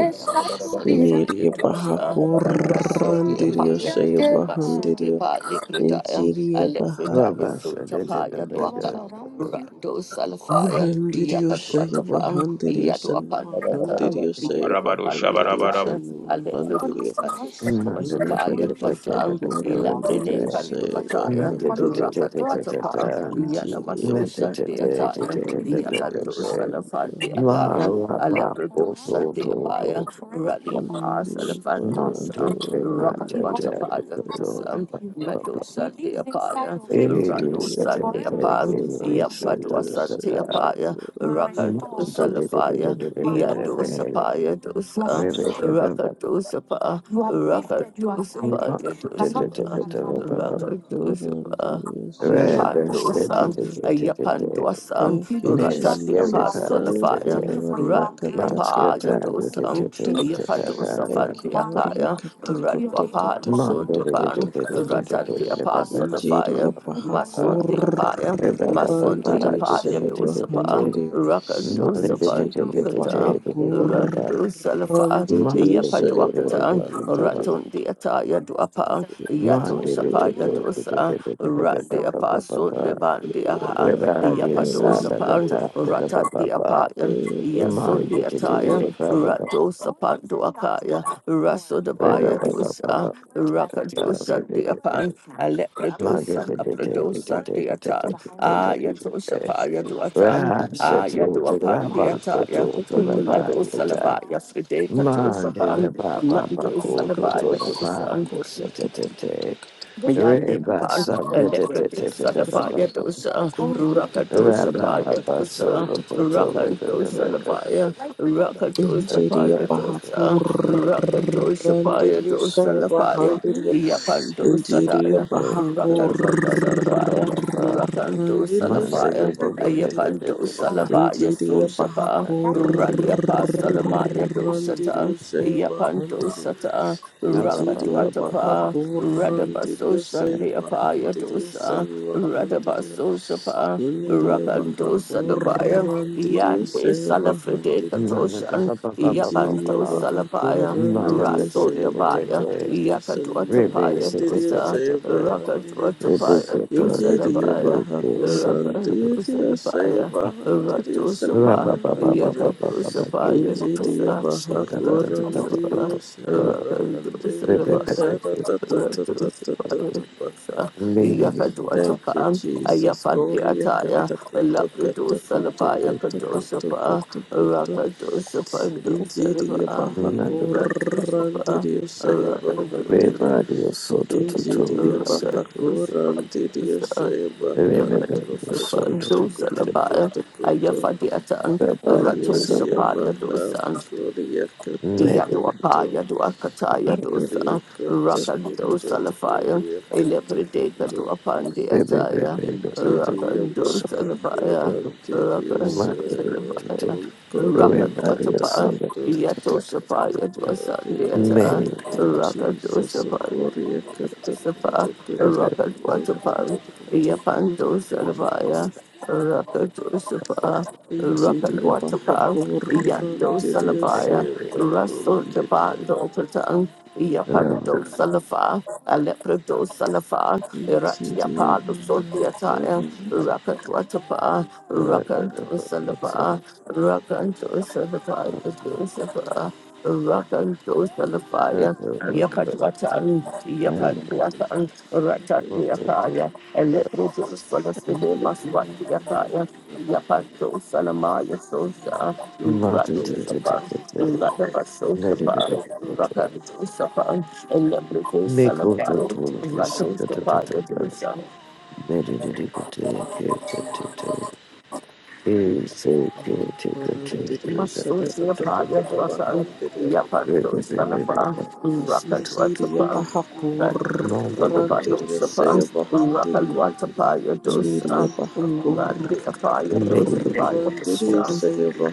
iniria baha Russell, the korandirio apartment, shaya but soon the bahandirio partly injiria baha Alefredaya Sutapaya Dwaka, Rando Salafaya, Kurhandiriusaya Yakatwatapang, Vahandiriusanma Yadwapandiatan, Handiriusaya Yadwapandiataya, Vahandiriusanma Handiriu Alefredusakatwasapaya Imiria Vaha Pasang, Ilaprene Kurhandiriusaya Panduataya, Vahandiriu Rakatwatapa, Injiria Yanamasusha Vaha Deataya, Yakanto Kurhandiriusaya Vahandiriu Salafandiakaya, Alepredosa deapaya, Raliapa Imiria Vaha Mandi salafandosa, Vipata Kurhandiriu Rakapatapaya Dapito dosa, Papa. Medosa deapaya, It is Injiria such Ralosa a big Vaha deapan, it is something to Yampadosa the Kurhandiriusaya past. deapaya, Mandi Rakadosa lafaya, Vahandiriu Yadosa Vipata paya dosa, Rakadosa pa, Rakadosa paya dosa, Diriyo Baha Rakadosa pa. Gorandiriyo Shaiva Rebbe said Yapandosan, it, Handiriyo. Ayapandosan, Thank you, Miss Ratati Gary Jesus. Thank you, Apasolafaya, Patty, Lord. Rati Matska Yakatakoto Tabby, Apagadosan, katakoto. Thank you, Lord. Ayapatosafatiakaya, Yakatakoto katakoto Radwapadosundaban, Monday, katakoto. Ratati Apasolafaya, Injiriya Baha Masundi Gorandiriyo Apaya, Masundi Monday, Shaiva Apagadosapa, Handiriyo. Injiriya Baha Gorandiriyo Shaiva Handiriyo. Injiriya Baha Rakadosapandokata. Radu Salafa, Yapatuakatan, Ratun Diataya Duapa, Yatun Sapaya Dosa, Randi Apaso de Bandi Aha, Yapadosapan, Ratat the Apayan, Gorandiriyo Yasun the Attire, Radosapan to Akaya, Raso de Bayadosa, Rakadosa the Apan, Alepredosa, Apredosa the Atan, Ayatosapaya do Atan, Rasati Ayadoapan the Tegrava Injiriya Attire. Koto to the Mado Pagata. Salabaya, Fride Mande Katosapan, Rebaba Mando Bakoto to Salabaya the Dosan, Pagia Setete. Yandi Reba upon Sabete Electrodusa, the Baba fire dosa, Rakadosa, Rababa fire Baso dosa, to the Rakadosa, the fire, Rakadosa, fire dosa, bahakurandirio Rakadosa, fire sanga dosa, the fire, bahandirio Yapandosa, Injiriya dia, bahakurandirio Rakadosa, the fire, Rakadosa, the Mande sanga fire, de de de de de de bahandirio de de Yapandosa, the fire, Injiriya Sosapa, Ralia Pasta, dosa, bahandiri Yapandosa, Baba Baba Baba ba. injiriya ba- baha Rakadosa, Radabaso kurrandiriya saya Shandia bahandiriya Payadosa, salwa handiriya Radabaso Shapa, iniriya baha Rakandosa Dabaya, kurrandiriya Yande saya Salafrede bahandiriya ba- ba- ba- ba- ba- Man de de Katoshan, ba- ba- ba- ba- ba- injiriya Yapando ba. baha Salabaya, Mother da kurrandiriya da Raso da da saya da Dabaya, da. bahandiriya salwa Ribby Yakatuatapaya da da handiriya da da Dosa, da saya da. bahandiriya Ribby Rakatuatapaya kuta da Dosa da da da injiriya Dabaya, baha da. Santa da da Rakandosa kurrandiriya saya Dabaya, da. bahandiriya Ba Ratosapa, salwa ba ba ba ba ba handiriya ba ba ba Giri Yakatosapaya kuto. Injiriya Dosa, baha Santa da da da da ba ba Rakosapa, kurundiriyo ba ba ba Ribby sevahandiriyo ba Rakandosa ba ba saratatatatatata baha. Maybe Thank you, Yakadwatapan, Jesus. Korea Ayafandiataya, katakuto katakuto Labradosalabaya katakuto Kadosapa, katakuto. Injiriya Rakadosapandosalaba, baha Nada. Ratosapa, kurundiriyo sevahandiriyo. Rakadosapa, Ribby dio soto to to Injiriya dio se. baha kurundiriyo Rakadosapandosa, Ribby sevahandiriyo dio soto katakuto to to. katakuto Levadosapandosalabaya, katakuto. Ayafadiatan, Ribby dio Media santa. Ratosapaya Mahav dosan, Gloria Maybe. Yaduapa, Katakuto Yaduakata, Gloria Yadosa, Katakuto Rakandosa Lafaya, Gloria Elepredeka Katakuto Duapandi Make Ataya, Interior Rakandosa Mahav Lafaya, Glorantirio Rakandosa Sarah Lafaya, Gloria Rakandotapa, Katakuto Yatosapa, Yadosa In the Deata, name of Jesus Rakandosapa, Gloria Sapa, Katakuto Katakuto Rakandotapa, Katakuto Yapandosa Katakuto Lafaya, Rakandosapa, Interior Mahav Rakandotapa, Yando Glorantirio Salabaya, Sarah Russell Gloria Jabando Patan, Yapando Salafa, Alepredo Salafa, Injiriya Iratiapado Sondiataya, Rakatwatapa, Rakanto Salapa, Rakanto Salafaya, Josepha, Rakanto Salafaya, Yapatwatan, Yapatwatan, Ratandiapaya, a little bit of solace with him, must what the attire, Yapato Sanamaya Sosa, Rato Sapa, Rataba Sosa, Rakato Sapa, a little bit of Sanamaya, Rato Sapa, the Bisa, Masosia Paya Dwasa, Yapato Thank Sanapa, Rakato Iniria Sapa, baja Sanapado Sapa, Rakalwatapaya Dosa, Randi corrandirio Apaya Dosa, Paya Dosa.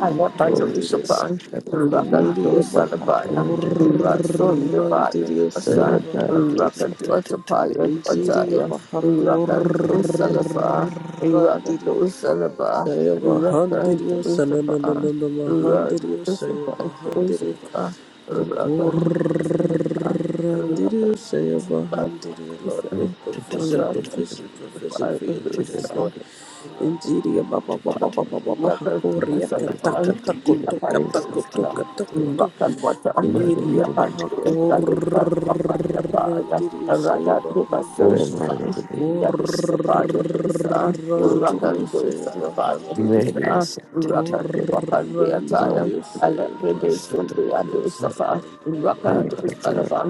Alapandosapan, Rakandosarabaya, Rasundabaya, se Asa, bajandirio Rakandosapaya, Nigeria Dwataya, Rakandosalafa, Bahakurandirio Rakandosalaba, Saya Bahandirio Sananana Rakandosapa, Rakandosapa, Mahandirio Saya Bahandirio Dosapa, Rakandosalaba, Okurandirio Saya Bahandirio Lord make Rakandosapa, provision Dosa, provision provision for your leaders Lord Rakandosapa, Dosa, Nigeria Baba Baba Baba Baba Rock and roll, Hakuria son of fire, Kataka Tako Toka Tako Toka Tako Toka Nigeria you. Bahakur Randirio Sayaba Handirio Remare de Dios, Santo Roto, Korandirio Sayaba Handirio Media so Korandirio Sayaba Handirio Sananama Handirio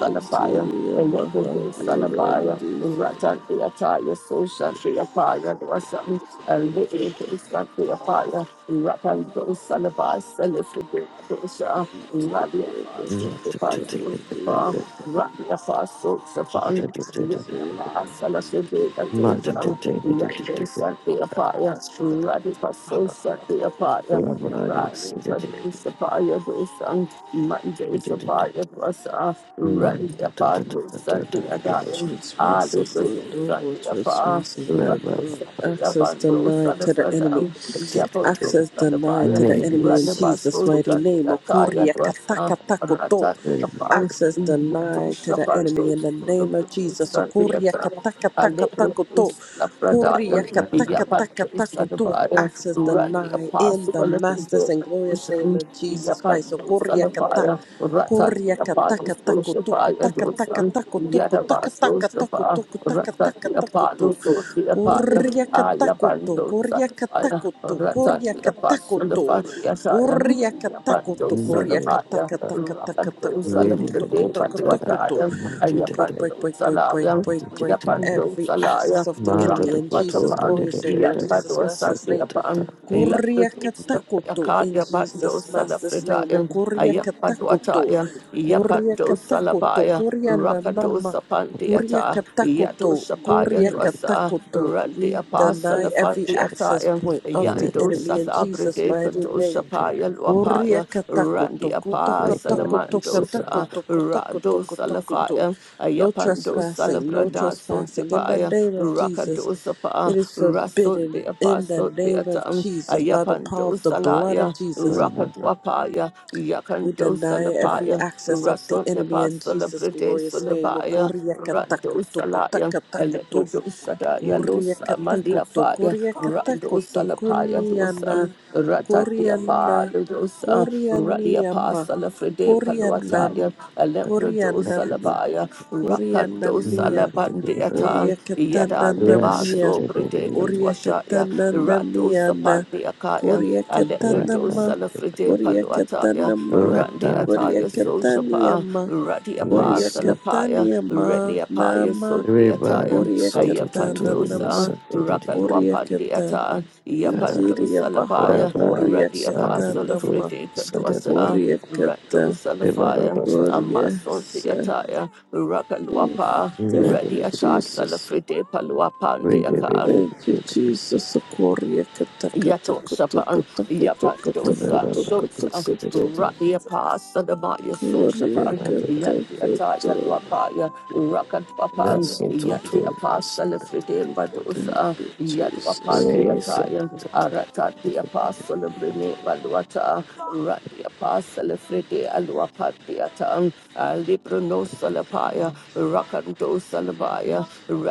Interior and let Baha the son of fire, and Korandirio rock on the attire, so shanty apaya was some a son, and little Ratatiria shanty apaya rapan do salabas a little bit dosha radia Baha paso the paso sapa Korandirio radia paso sapa radia Sayaba paso la shanty Handirio apaya radia shanty apaya radia paso shanty apaya radia shanty apaya dosan manjay apaya dosa radia paso shanty No more apaya Ah, trespassing, those are Lord. No more the far. trespassing, Lord. No access Yabando, son denied to of the enemy. Radam, Yabando, Access son of denied to Fire, the enemy in Jesus' Ranabaso, mighty name. Okoria Zakataya, kataka takoto. Ratati upon Access Yato denied to the enemy Shapardo, in the name of Jesus. Sadi Okoria Atta, kataka taka takoto. Alepratus, Koria Lapradaya, kataka Yapatus, Adapaya, Access Randi denied in Apostle, the master's and glorious name Alepratus, of Jesus Christ. Yapatus, Okoria kata. Alapaya, Korea Ratati kataka Apatus, tako tuku Shapaya, taka taka Dosan, tako tuku taka taka Yadabaso, tako Shapa, tuku taka taka Ratati tako Apollo, tu. Soti Apaya, Korea katako to Ayabando, Korea Sapaya, katako to koria Ratati katako Apostle, to. Fatih Koria Asaya, katako Ayapando to koria very Salapaya, kataka taka taka Rapando tako Everybody, tuku tuku Salamprite tuku tuku tu. Panduataya, We break break Ayapando break break break Salaya, break break Yapando every Salaya, access of the enemy in Jesus' Rakatapan, glorious name in Jesus' Yapado master's name. Sadiapan, Elaptis, Kuriakatakoto in Yakaya Pando Jesus Master's name. Salafritaya, Kuriakatakoto. Ayapaduataya, Yapando Kuriakatakoto. Salapaya, Rakado Kuriananama. Sapandiata, Yato Kuriakatakoto. Sapaya Dwasa, Kuriakatakoto. We Radiapa deny every access Salafandiataya, point of the Yando enemy in Jesus' Salabride mighty name. Shapaya Korea Luapaya, katakoto koto Randiapa koto koto koto koto Salamandosa, koto Rado koto koto koto. Salafaya, No Ayapando trespassing, no Salabrada trespassing. In the Sundipaya, name of Jesus, Rakadosapa, it is forbidden. Rasundiapa In the name of Sundiatan, Jesus, by the power Ayapando of the blood of Salaya, Jesus, Rakadwapaya, we Yakando deny every Salapaya, access of the enemy Rasundiapa in Jesus' Salabrade glorious name. Sulabaya, Korea Rando katakoto koto Salaya, koto Alepo koto. Dosadaya Losa Mandia Koriakatakoto, Fire, Rando koriakatakoto, Salapaya koniana, Dosan. Ratandia pa koriana, ludosa, Ralia pa korianiama, salafride paluataya, korianam, Alembrodo korianami, salabaya, Rakando korianamia, salabandiatan, Yadan de koriakatananamia, baso bride katuashaya, Rato koriakatananamiana, sapandiakaya, Alembrodo koriakatanama, salafride paluataya, koriakatanama, Randiataya soshapa, koriakataniama, Radia pa salapaya, koriakataniama, Reniapaya nama. sundiataya, so to to Koryakata to, Ayapandosa, Nanama Koryakata Rakalwapandiata, yes, Injiriya Yapandosa Baha Labaya, Radi Rabbi's Koryakata Apostle of Nama Frederica auditorius and that of Dosa, Koryakata Randosa the Lafaya, Rabbi's Amason Koryasa Deataya, Oof, Rakalwapa, Thank you Radiata Jesus Salafride Paluapandiaka, Thank you Jesus Koryakata Kata Yato Koto Shapan, Kata Koto Kata Yapadosa, Koto Kata Shopsa, Koto Radia Pass, Sadamaya Soshatan, Koryakata Yandi Koto Ataya Luapaya, Rakat Papan, Yandi Apostle Fridim Badosa, Yatuapan Jesus the Ataya, Arata the Apostle of Rene Valuata, Randi Apostle Fridi Aluapan the Atan, Alibrono Salapaya, Rakanto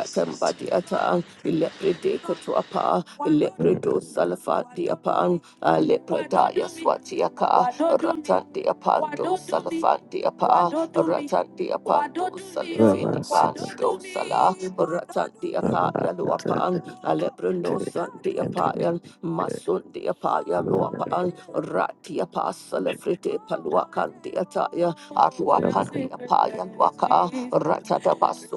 Jesus. Ilepredeka to apa, Ilepredo Salafadiapan, Alepredaya Swatiaka, Ratandiapan, do Salafandiapa, Ratandiapan, do Salifidipan, do Sala, Ratandiaka, Yaluapan, Alepreno Sandiapayan, Masundiapaya Luapan, Ratiapa Salafrite Paluakan Diataya, Arwakan Diapayan Waka, Ratatabasu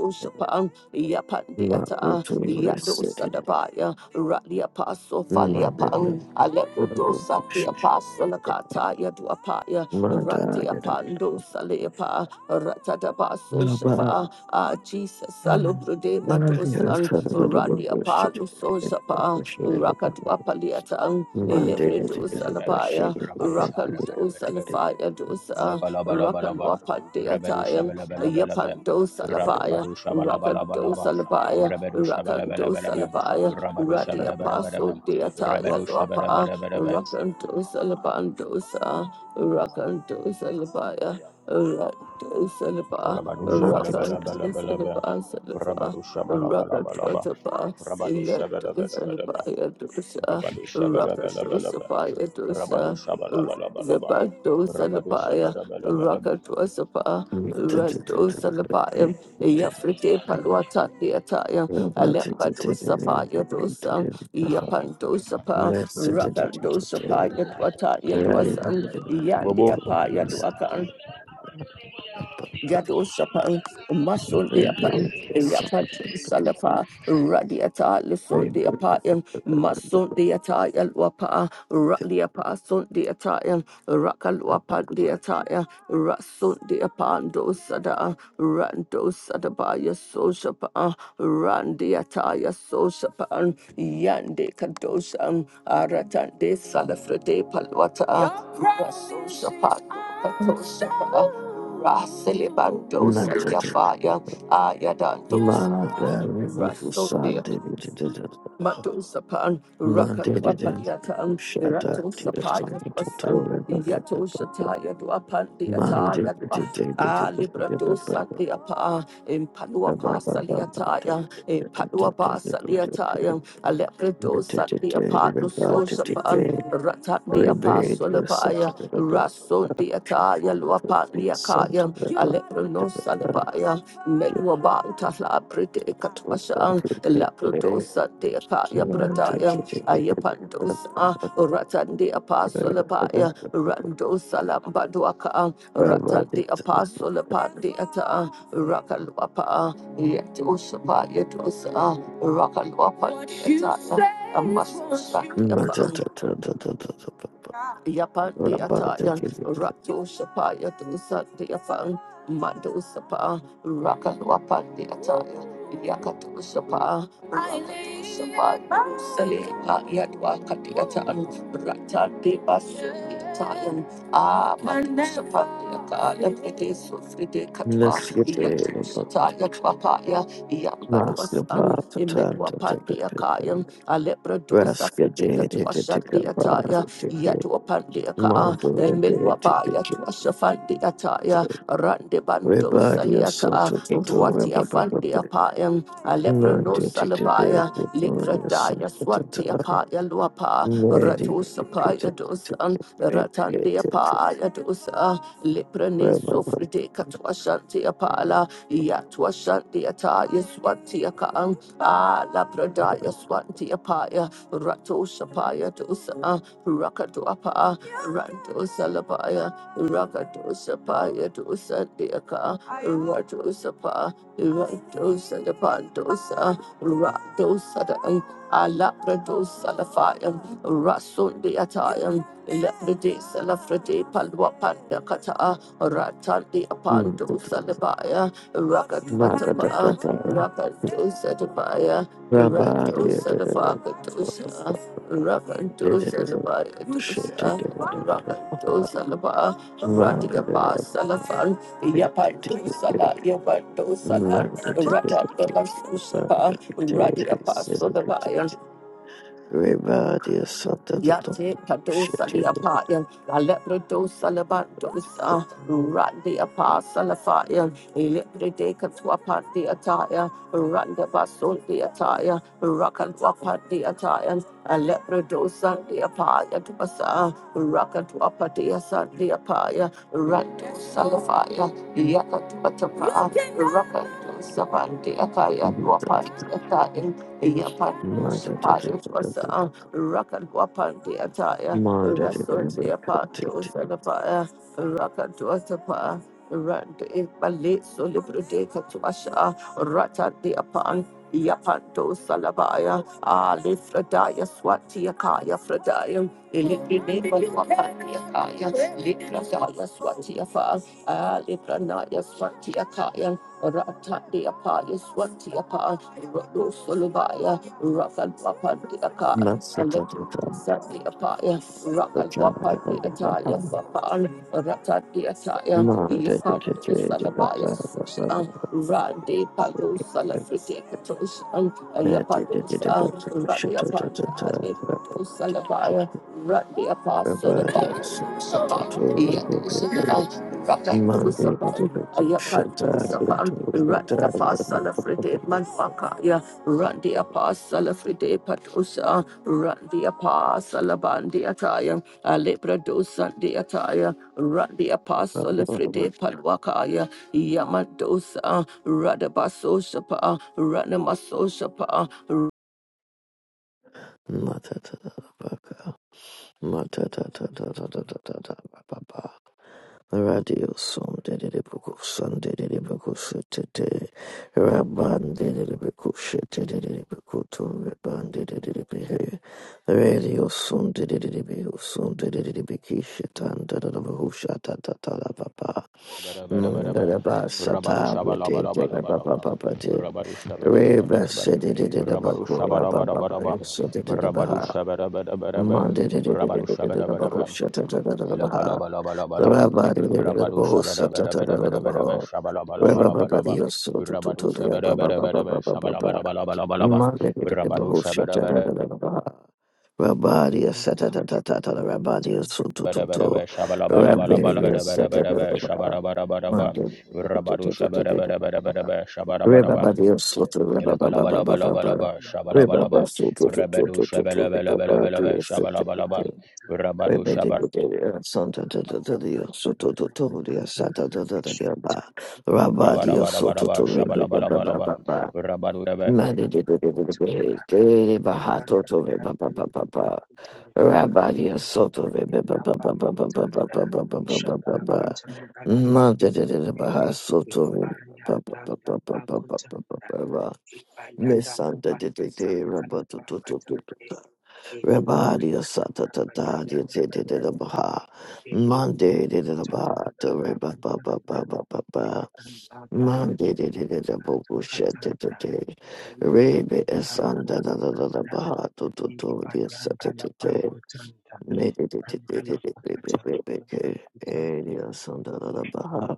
Yapandiata, Makutu is Yado seated. Sadabaya, Rally Apostle Mother Faliapan, Alepodo Sati Apostle Akata Yaduapaya, My Ranti God. Apando Oh, Salepa, Ratadabaso Bob. Shapa, Ah Jesus Monday, Salubrode they did Madosan, Rally Apalo the Sosapa, Rakatuapaliatan, Elepredo best Salapaya, shit. Rakando Salafaya Dosa, Rakalwapandiatayam, Yapando Salafaya. Rakando Salabaya, Rakando Salabaya, Radi Apostle Deataya Lapa, Rakando Salabandosa, Rakando Salabaya, Rakando Salaba, Rakando Rabadoshabalabalabalabalaba. Salaba Salaba, Rakando Rabadoshabalabalaba. Salaba, Yato Rabadoshabalabalaba. Salabaya Dosa, Rakando Rabadoshabalabalaba. Salabaya Dosa, Rabadoshabalabalaba. Zabando Salabaya, Rabadoshabalabalaba. Rakando Salaba, Rado Salabaya, Yafrite paluata Deataya, Alemba Dosapa Yadosan, Yapandosapa, Rakandosapa Yadwata Yadwasan, Bobo. Yandiapa Yadwakan. Yadosapan, Mason deapan, Yapan Salapa, Radiata, Lison deapayan, Mason deata, Yalwapa, Radiapa, Son deatayan, Rakalwapa Monday, deataya, Rasun deapan dosada. Rando Sadabaya Soshapa, Randiataya Soshapan, Yande Kadoshan, Aratande Salafrede Palwata, Rasoshapa, Katoshapa, Rasilibando Monday, Satyafaya, Ayadando Manada Rebufu Rasto de Sante Matu sapan rakat Mandate Matosapan, Rakatwapaliatan, Shada Tira Ratosapaya Santo Dwasan, Tutore Yatoshataya Mandi Dwapandiataya Dwa, Alibratosandiapa, Impaluapasaliataya, Impaluapasaliataya, Rebellion Alepredosadiapa, Nusosapan, Ratan de Apasolabaya, Santo Rasun de Ataya, Luapan de Akaya, Aleprano Salabaya, Medwaban Tala Prete Katwasha, Santo Rebellion Laprotosa de Akaya Prataya, Ayapandosa, Ratan de Apasolabaya, Rando Salambaduaka, Ratan de Apasolapan de Ata, Rakalwapa, Yetosapa Yetosa, Rakalwapa de Ataya, Amasusha de Yapandi Ataya, Rato Shapaya to Sunday Afan, Mando Sapa, Rakalwapandi Ataya, Yakatu Shapa, Rakatu Shapa, Sale, Yadwa Katiatan, Rata de Basu Italian, Ah, Mando Shapa, Yakala, Fride Sufride Katwa, Yatu Shataya Twapaya, Yambaduasan, Imedwapandi Akayan, Alepra Dosa Fride Katwa Shadi Ataya, Yatua Pandiaka, Emilwaba, Yatua Shafandiataya, Rande Bando Rebadio Saliata, soto tutu Ruatia rebaba. Fandiapayam, Alebrano Murder Salabaya, Likradaya swati Swatiapaya Luapa, Everybody Ratu Sapaya Dosan, Ratandiapaya Dosa, Liprane Sofride Katuashantiapala, Yatua Shantiataya Swatiakaan, Ah, Labradaya Swantiapaya, Rato Shapaya Dosa. Rakatuapa, ranto Salabaya, Rakatu Sapaya Dosa Deaka, rato Sapa, Rando Salapandosa, Rado Sadan, Alabrado Salafayam, Rasul Deatayam, Leprede Salafrede Palwapanda Kata, Ratandi Apando Salabaya, Rakatwatapa, Rakatu Sadabaya, Rato Sadapakatusha. Rakanto Salaba Dosa Rakanto Salaba Radia Bas Salafan Yapanto Sala Yapanto Sala Rata Daba Susaba Radia Bas is under the Yate Padosa the Apayan, Alepredosa Lebandosa, Randi Apasalafayan, Eleprede Katwapan the Attire, Randa Basul the Attire, Rakatwapan the Attire, Alepredosa the Apaya to Basa, Rakatwapatia Sandi Apaya, Rando Salafaya, Yakatwatapa, Rakatosa Pandi Akaya, shit. Wapan the Attire, Yapan. Mother Sapaya Rakan Wapandi Ataya, Rasunti Apando Salapaya, Rakan Dwatapa, Randi Balit Solibride Katuasha, Ratandi Apan. Yapando Salabaya, Ali Fradaya Swati Akaya Fradaya, Ilipine Wapandi Akaya, Lipradaya Swati Afa, Ali Pranaya Swati Akaya, Ratandi Apaya Swati Akaya, Rodo Solubaya, Rakan Wapandi and let Sati Apaya, Rakan Wapati Ataya Sapan, Ratati Ataya, Yapan the Salabaya Susha, Randi Pago Salafriti Katosha, Ayapadosa, Rani Apanda, Nebutosa Labaya, Rani Apasa, the Papa, Yadosa, Rakandosa Pan, Ayapandosa Pan, Rani Apasa, the Fride Manfakaya, Rani Apasa, the Fride Patosa, Rani Apasa, the Bandi Ataya, Alebradosa, the Ataya, Rani Apasa, the Fride Palwakaya, Yamadosa, Radabaso Shapa, Ranamaso Shapa, Matatatatatatatata. Radio som de bukusan de bukusutete Rabban dedede bukusete de bukutu Rabban dedede behe Radio som dedede bukusun dedede bikishetan de buhusha tatatala papa Rabadoshabalabalaba. Mundada basata de papa Rabadoshabalabalaba. papa te Rabadoshabalabalaba. Reba sedede buku Rabba papa Rabadoshabalabalaba. sedede baha Rabadoshabalabalaba. Rabbi, Rabadoshabalabalaba. Elakalabalabalabalabam. Rabadu shabadabadabadabadabada shabalabalabalabam. Rabadu shabadabadabadabada shabalabalabalabam. Rabadu shabadabadabadabada Shut shabalabalabalabadabadabadabada shabarabarabarabam. Rabadu shabadabadabadabada Rabba shabarabarabam. Elakalabalabalabalabam Mother, shabalabalabam. Rabadu shabalabalabalabada shabalabalabam. Rabadu shabarabarabarabarabam shabalabalabam. up, Ibayadalabakuchanda, Messanta de de de rabatu tu tu tu Ibayadalabakuchandalabakuchande, tu Rabadi asata ta ta de de de Ibayadalabayadalabaya, de de baha Monday de de de baha to reba ba ba ba Ibayadalabakuchanda, ba ba ba Adalabaya, Monday de de de de boku shet de de Ibikatukachanda, de Rebe asanta da da da da Ibikatukachanda, baha to tu tu de asata de de Ibayadalabakuchanda, Me de Andalabakuchanda, de de de de de be be be be ke E de Andalabakuchanda, asanta da da baha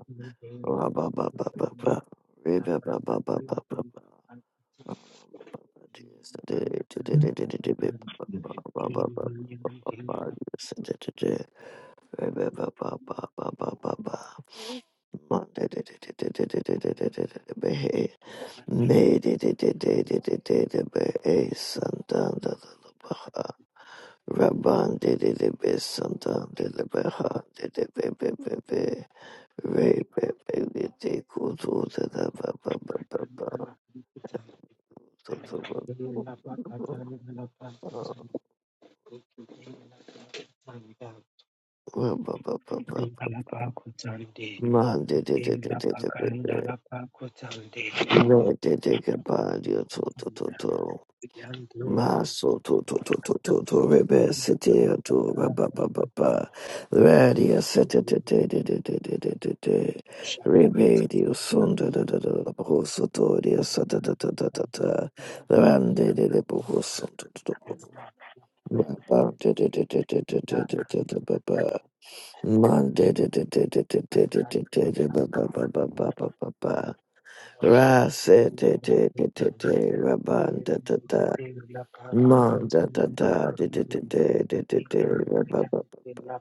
Rabba ba ba ba ba ba Rebe Thank ba ba ba ba ba ba Rabban de de de be santan de le be ha de de be be be be re be be be de kudu de da ba ba ba ba ba to to ba Man, did it, did it, did it, baby. No, it did it, goodbye, you to, to, to, to. My soul, to, to, to, to, to, to, baby, city, uh, to, ba, ba, ba, ba, ba. Radio, city, to, to, to, to, to, to, to, to, to. Radio, soon, you. to, to, to, to, to, to, so, to, radio, Thank so, to, to, to, to, to, to. Run, did it, to, to, to, so, to, to, to, to. Ba, ba, did it, did it, did it, did it, did it, did it, ba, ba. Monday, de, de, de, de, de, de, de, de, de, da- ba- ba- ba- ba- ba- ba- ba- ba. Ra- se- de, de, de, de, de, ra- ba- da- da- da. Mon- da- da- da- de, de, de, de, de, de, de, ra- ba- ba- ba- ba.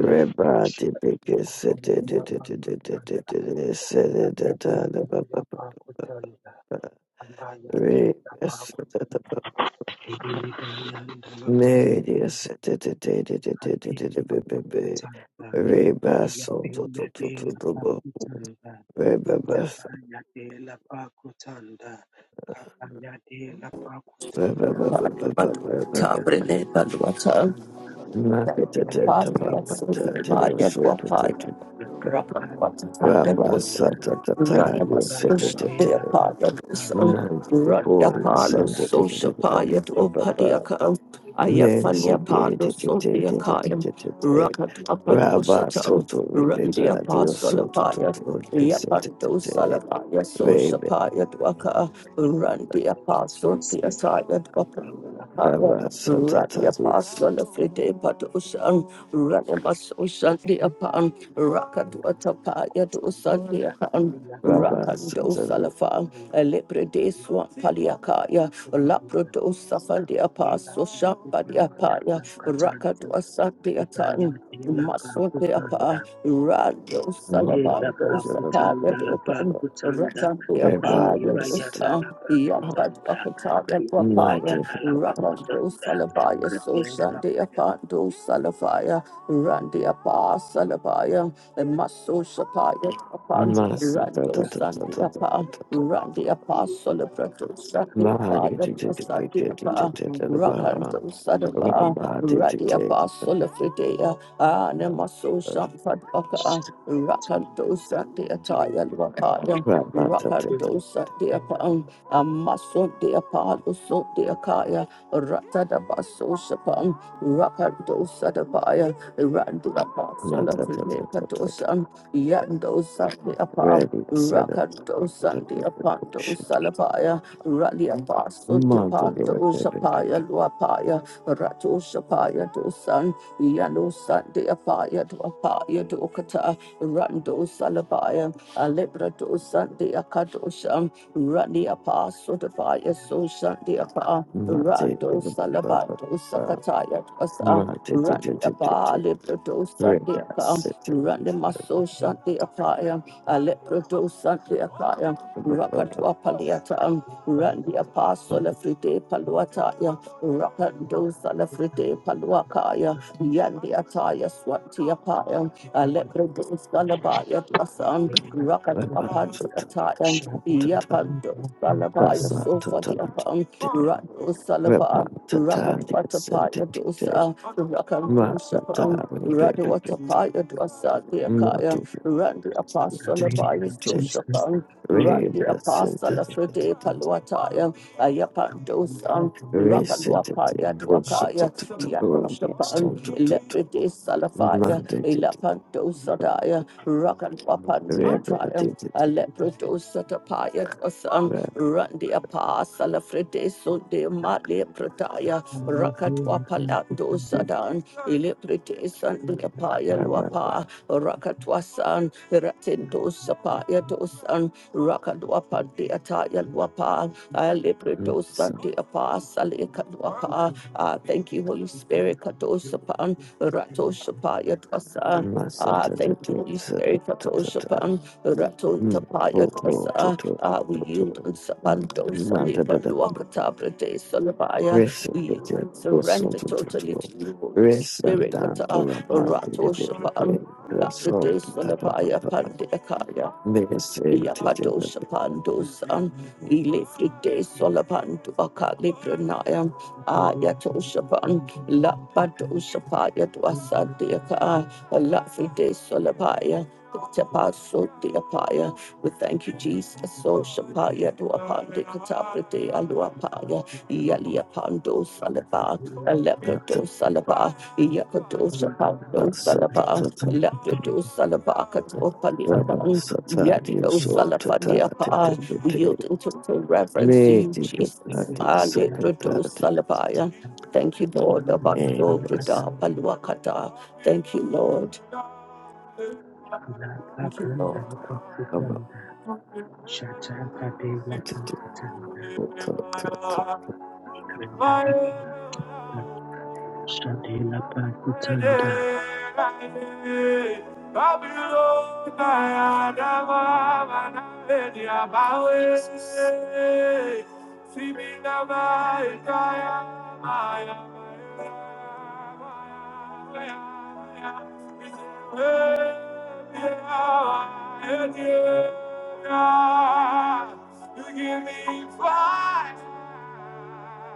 Ra- ba- de, de, de, se- de, de, de, da- da- da- da- da- de, se- de, da- da- da- ba- ba- ba- ba- ba- ba. Re- se- you. da- da- ba- Thank Me- de, se- de, de, de, de, de, de, de, you. da- da- ba- ba- ba. Re- ba- so- do- do- do- do- do- ba. Rabba Santa Tabrene Balwata, Padu Baso Shapa, Rocket what to tap and listen. Run up a Catania, Santa social day Tete, apart, you do so. Mandy Run up Poporia, a lo Santa social Tete, part, you do party a Papa, car. I have funny Mercy apart, no Gate, so be a car. Rocket up a dosa Rabba tongue. Soto Run the Ribera Dio apostle of Soto Totoria the Sentete Rebe apostle, be a services, tired, looking at the go. Rabba Santa Run traffic your Tabi apostle Soto every day, but ocean, Ranamaso Sunday upon Rakadwatapa Yadu Sunday upon Rabba Rakando Santa Salafa, a lepre de swamp paliakaya, a laprodo safandia paso shampadia and paya, Rakadwa Sunday atan. the Maswapiapa, Rado Mm. Salabando Sapaya Dopan, Ratandiapa, Rebellious Yadosa, mother, Yambat Apataya Wapaya, master, Rapando Salabaya, Prepare Soshandiapa, Do Salafaya, Randy Apa Salabaya, and Maso Shapaya upon Rando Sandi Apa, Randy I'm Apa not Solabrato sure Sandi Apa, Sandi Apa. Rakanto Sadaba, body, Radia Pasola Anamaso Shampadaka, Rakanto Sadia Taya Wakaya, Rakanto Sadia Pang, Amaso Dia Palo Sotia Kaya, Ratadabaso Shapang, Rakanto Sadabaya, Randy Apostle of the Nekadosan, Yando Sunday Apart, Ready, set, Rakado Sunday mother, Apanto Salapaya, Rally Apostle de Panto Shapaya Luapaya, Rato Shapaya Dosan, Yano Sunday Apaya Duapaya Dokata, Rando Salabaya, Alebrado Sunday Akadosan, Rally Apostle de Paya So Sunday Apart. Rando Salabando Sakataya Twasa run the apa leprodo sante akam run the maso sante apaya a leprodo sante akaya mother, rakatwa paliata run the mother, apostle of frite paluataya rakando sala frite paluakaya yandi ataya swati apaya a leprodo salabaya twasan Massa, rakatwa panti ataya if yapando salabaya sofa the apam rado Salaba Rakat Watapaya Dosa, Rakan Doshapan, Radwatapaya Dosa, Deakaya, Randy Apostle of Soshapan, Randy Apostle of Fride Palwataya, Ayapan Dosan, Rakan Wapaya Dwakaya, you're ready for Yatoshapan, Lepride Salafaya, Ilapan this. Dosadaya, Rakan Wapan Deataya, Thank Aleprodosa Tapaya Dosan, Randi apa salafrede sunde male prataya rakatwa palando sadan ile prete sandu apaya luapa rakatwa san ratendo sapaya dosan rakadwa pandi ataya luapa ale preto sante apa sale kadwa Ah, thank you, Holy Spirit. Katosapan, Ratosapaya Dwasa. Ah, thank you, Holy Spirit. Katosapan, Raton Tapaya Dwasa. Ah, we yield and surrender, Mother Saliba, da da da Luakatabra de Salabaya. rest We yield and surrender totally to you, Holy rest and Spirit, down to Kata, rapan to the Rato baby Shapan, brain the Labra salt de da pa pa Salabaya, pa Pandekaya. miss and titin da Yapadosa Pandosa, Ilifrite Solapantu Akali Pranayam, Ayatosha Pan, Lapadosa Paya Dwasa Deaka, Lafrite Solapaya. Tapaso de you. Apaya. We thank you, Jesus. So Shapaya to Apande Kataprete Aluapaya. Yalia Pando Salaba, Madadadadada. Alepredo Salaba, Yakado Shapando Resekete. Bosotototo. Salaba, Resantantorapante. da Rasototapapapa. Mesentetepapa. Matabasatatatatata. Alepredo Salaba, Katopaliapan, Yando Salafandiapa. We Rabasatadiosotatatatatatata. yield in total reverence to you, Jesus. Alepredo Medidadadiosatatatata. Salabaya. Thank you, Lord, about so Eres. Grida Paluakata. Thank you, Lord. Thank you, Lord. Abasatatatatata. Fire. Shadela Pakutanda, Shadela You give Pakutanda, me fire,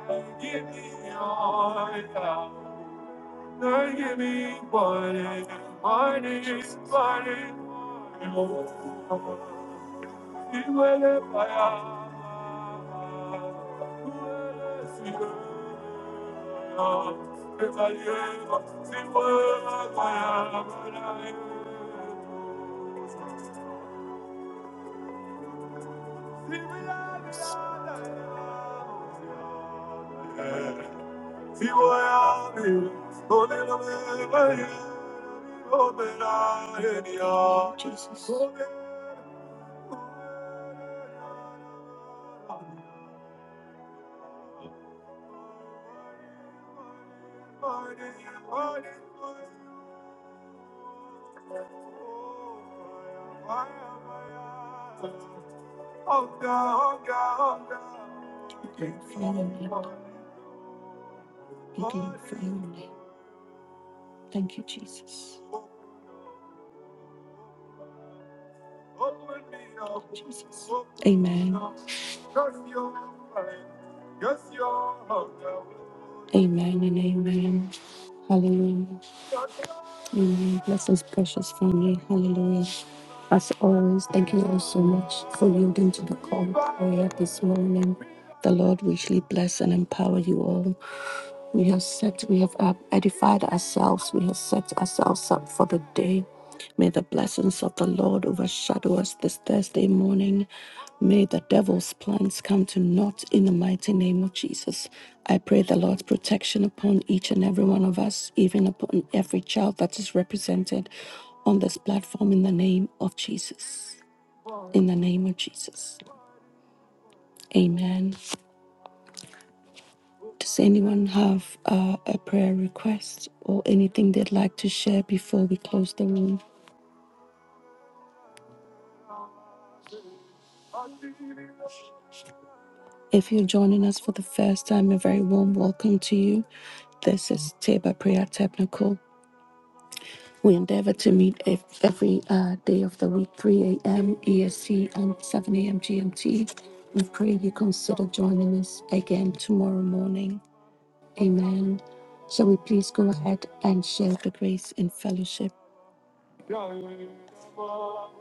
you give me oil. Lord, give me morning, morning, morning. Iwele paya, iwele siwe, iwele siwe paya, iwele siwe. Si voy a vivir, donde no me vaya, no me la genia. Jesus. Thank you, Father. Thank you, Father. Thank you, Jesus. Amen. Amen and amen. Hallelujah. Amen. Blessings, precious family. Hallelujah. As always, thank you all so much for yielding to the call of prayer this morning. The Lord richly bless and empower you all. We have set, we have uh, edified ourselves, we have set ourselves up for the day. May the blessings of the Lord overshadow us this Thursday morning. May the devil's plans come to naught in the mighty name of Jesus. I pray the Lord's protection upon each and every one of us, even upon every child that is represented on this platform in the name of Jesus. In the name of Jesus. Amen. Does anyone have uh, a prayer request or anything they'd like to share before we close the room? If you're joining us for the first time, a very warm welcome to you. This is Teba Prayer Technical. We endeavor to meet ev- every uh, day of the week, 3 a.m. EST and 7 a.m. GMT. We pray you consider joining us again tomorrow morning. Amen. Shall we please go ahead and share the grace in fellowship? Now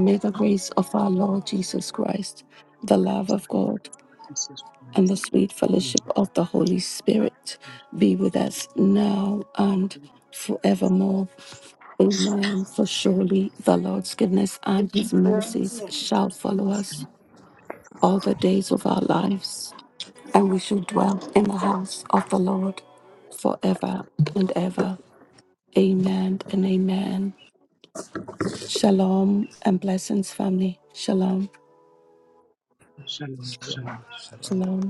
may the grace of our Lord Jesus Christ, the love of Ministry God, notices and the rest sweet on fellowship love of of the God. Holy Spirit be with us now and forevermore. Amen. For surely the Lord's goodness and his mercies shall follow us all the days of our lives, and we shall dwell in the house of the Lord forever and ever. Amen and amen. Shalom and blessings, family. Shalom. Shalom, shalom, shalom. Shalom.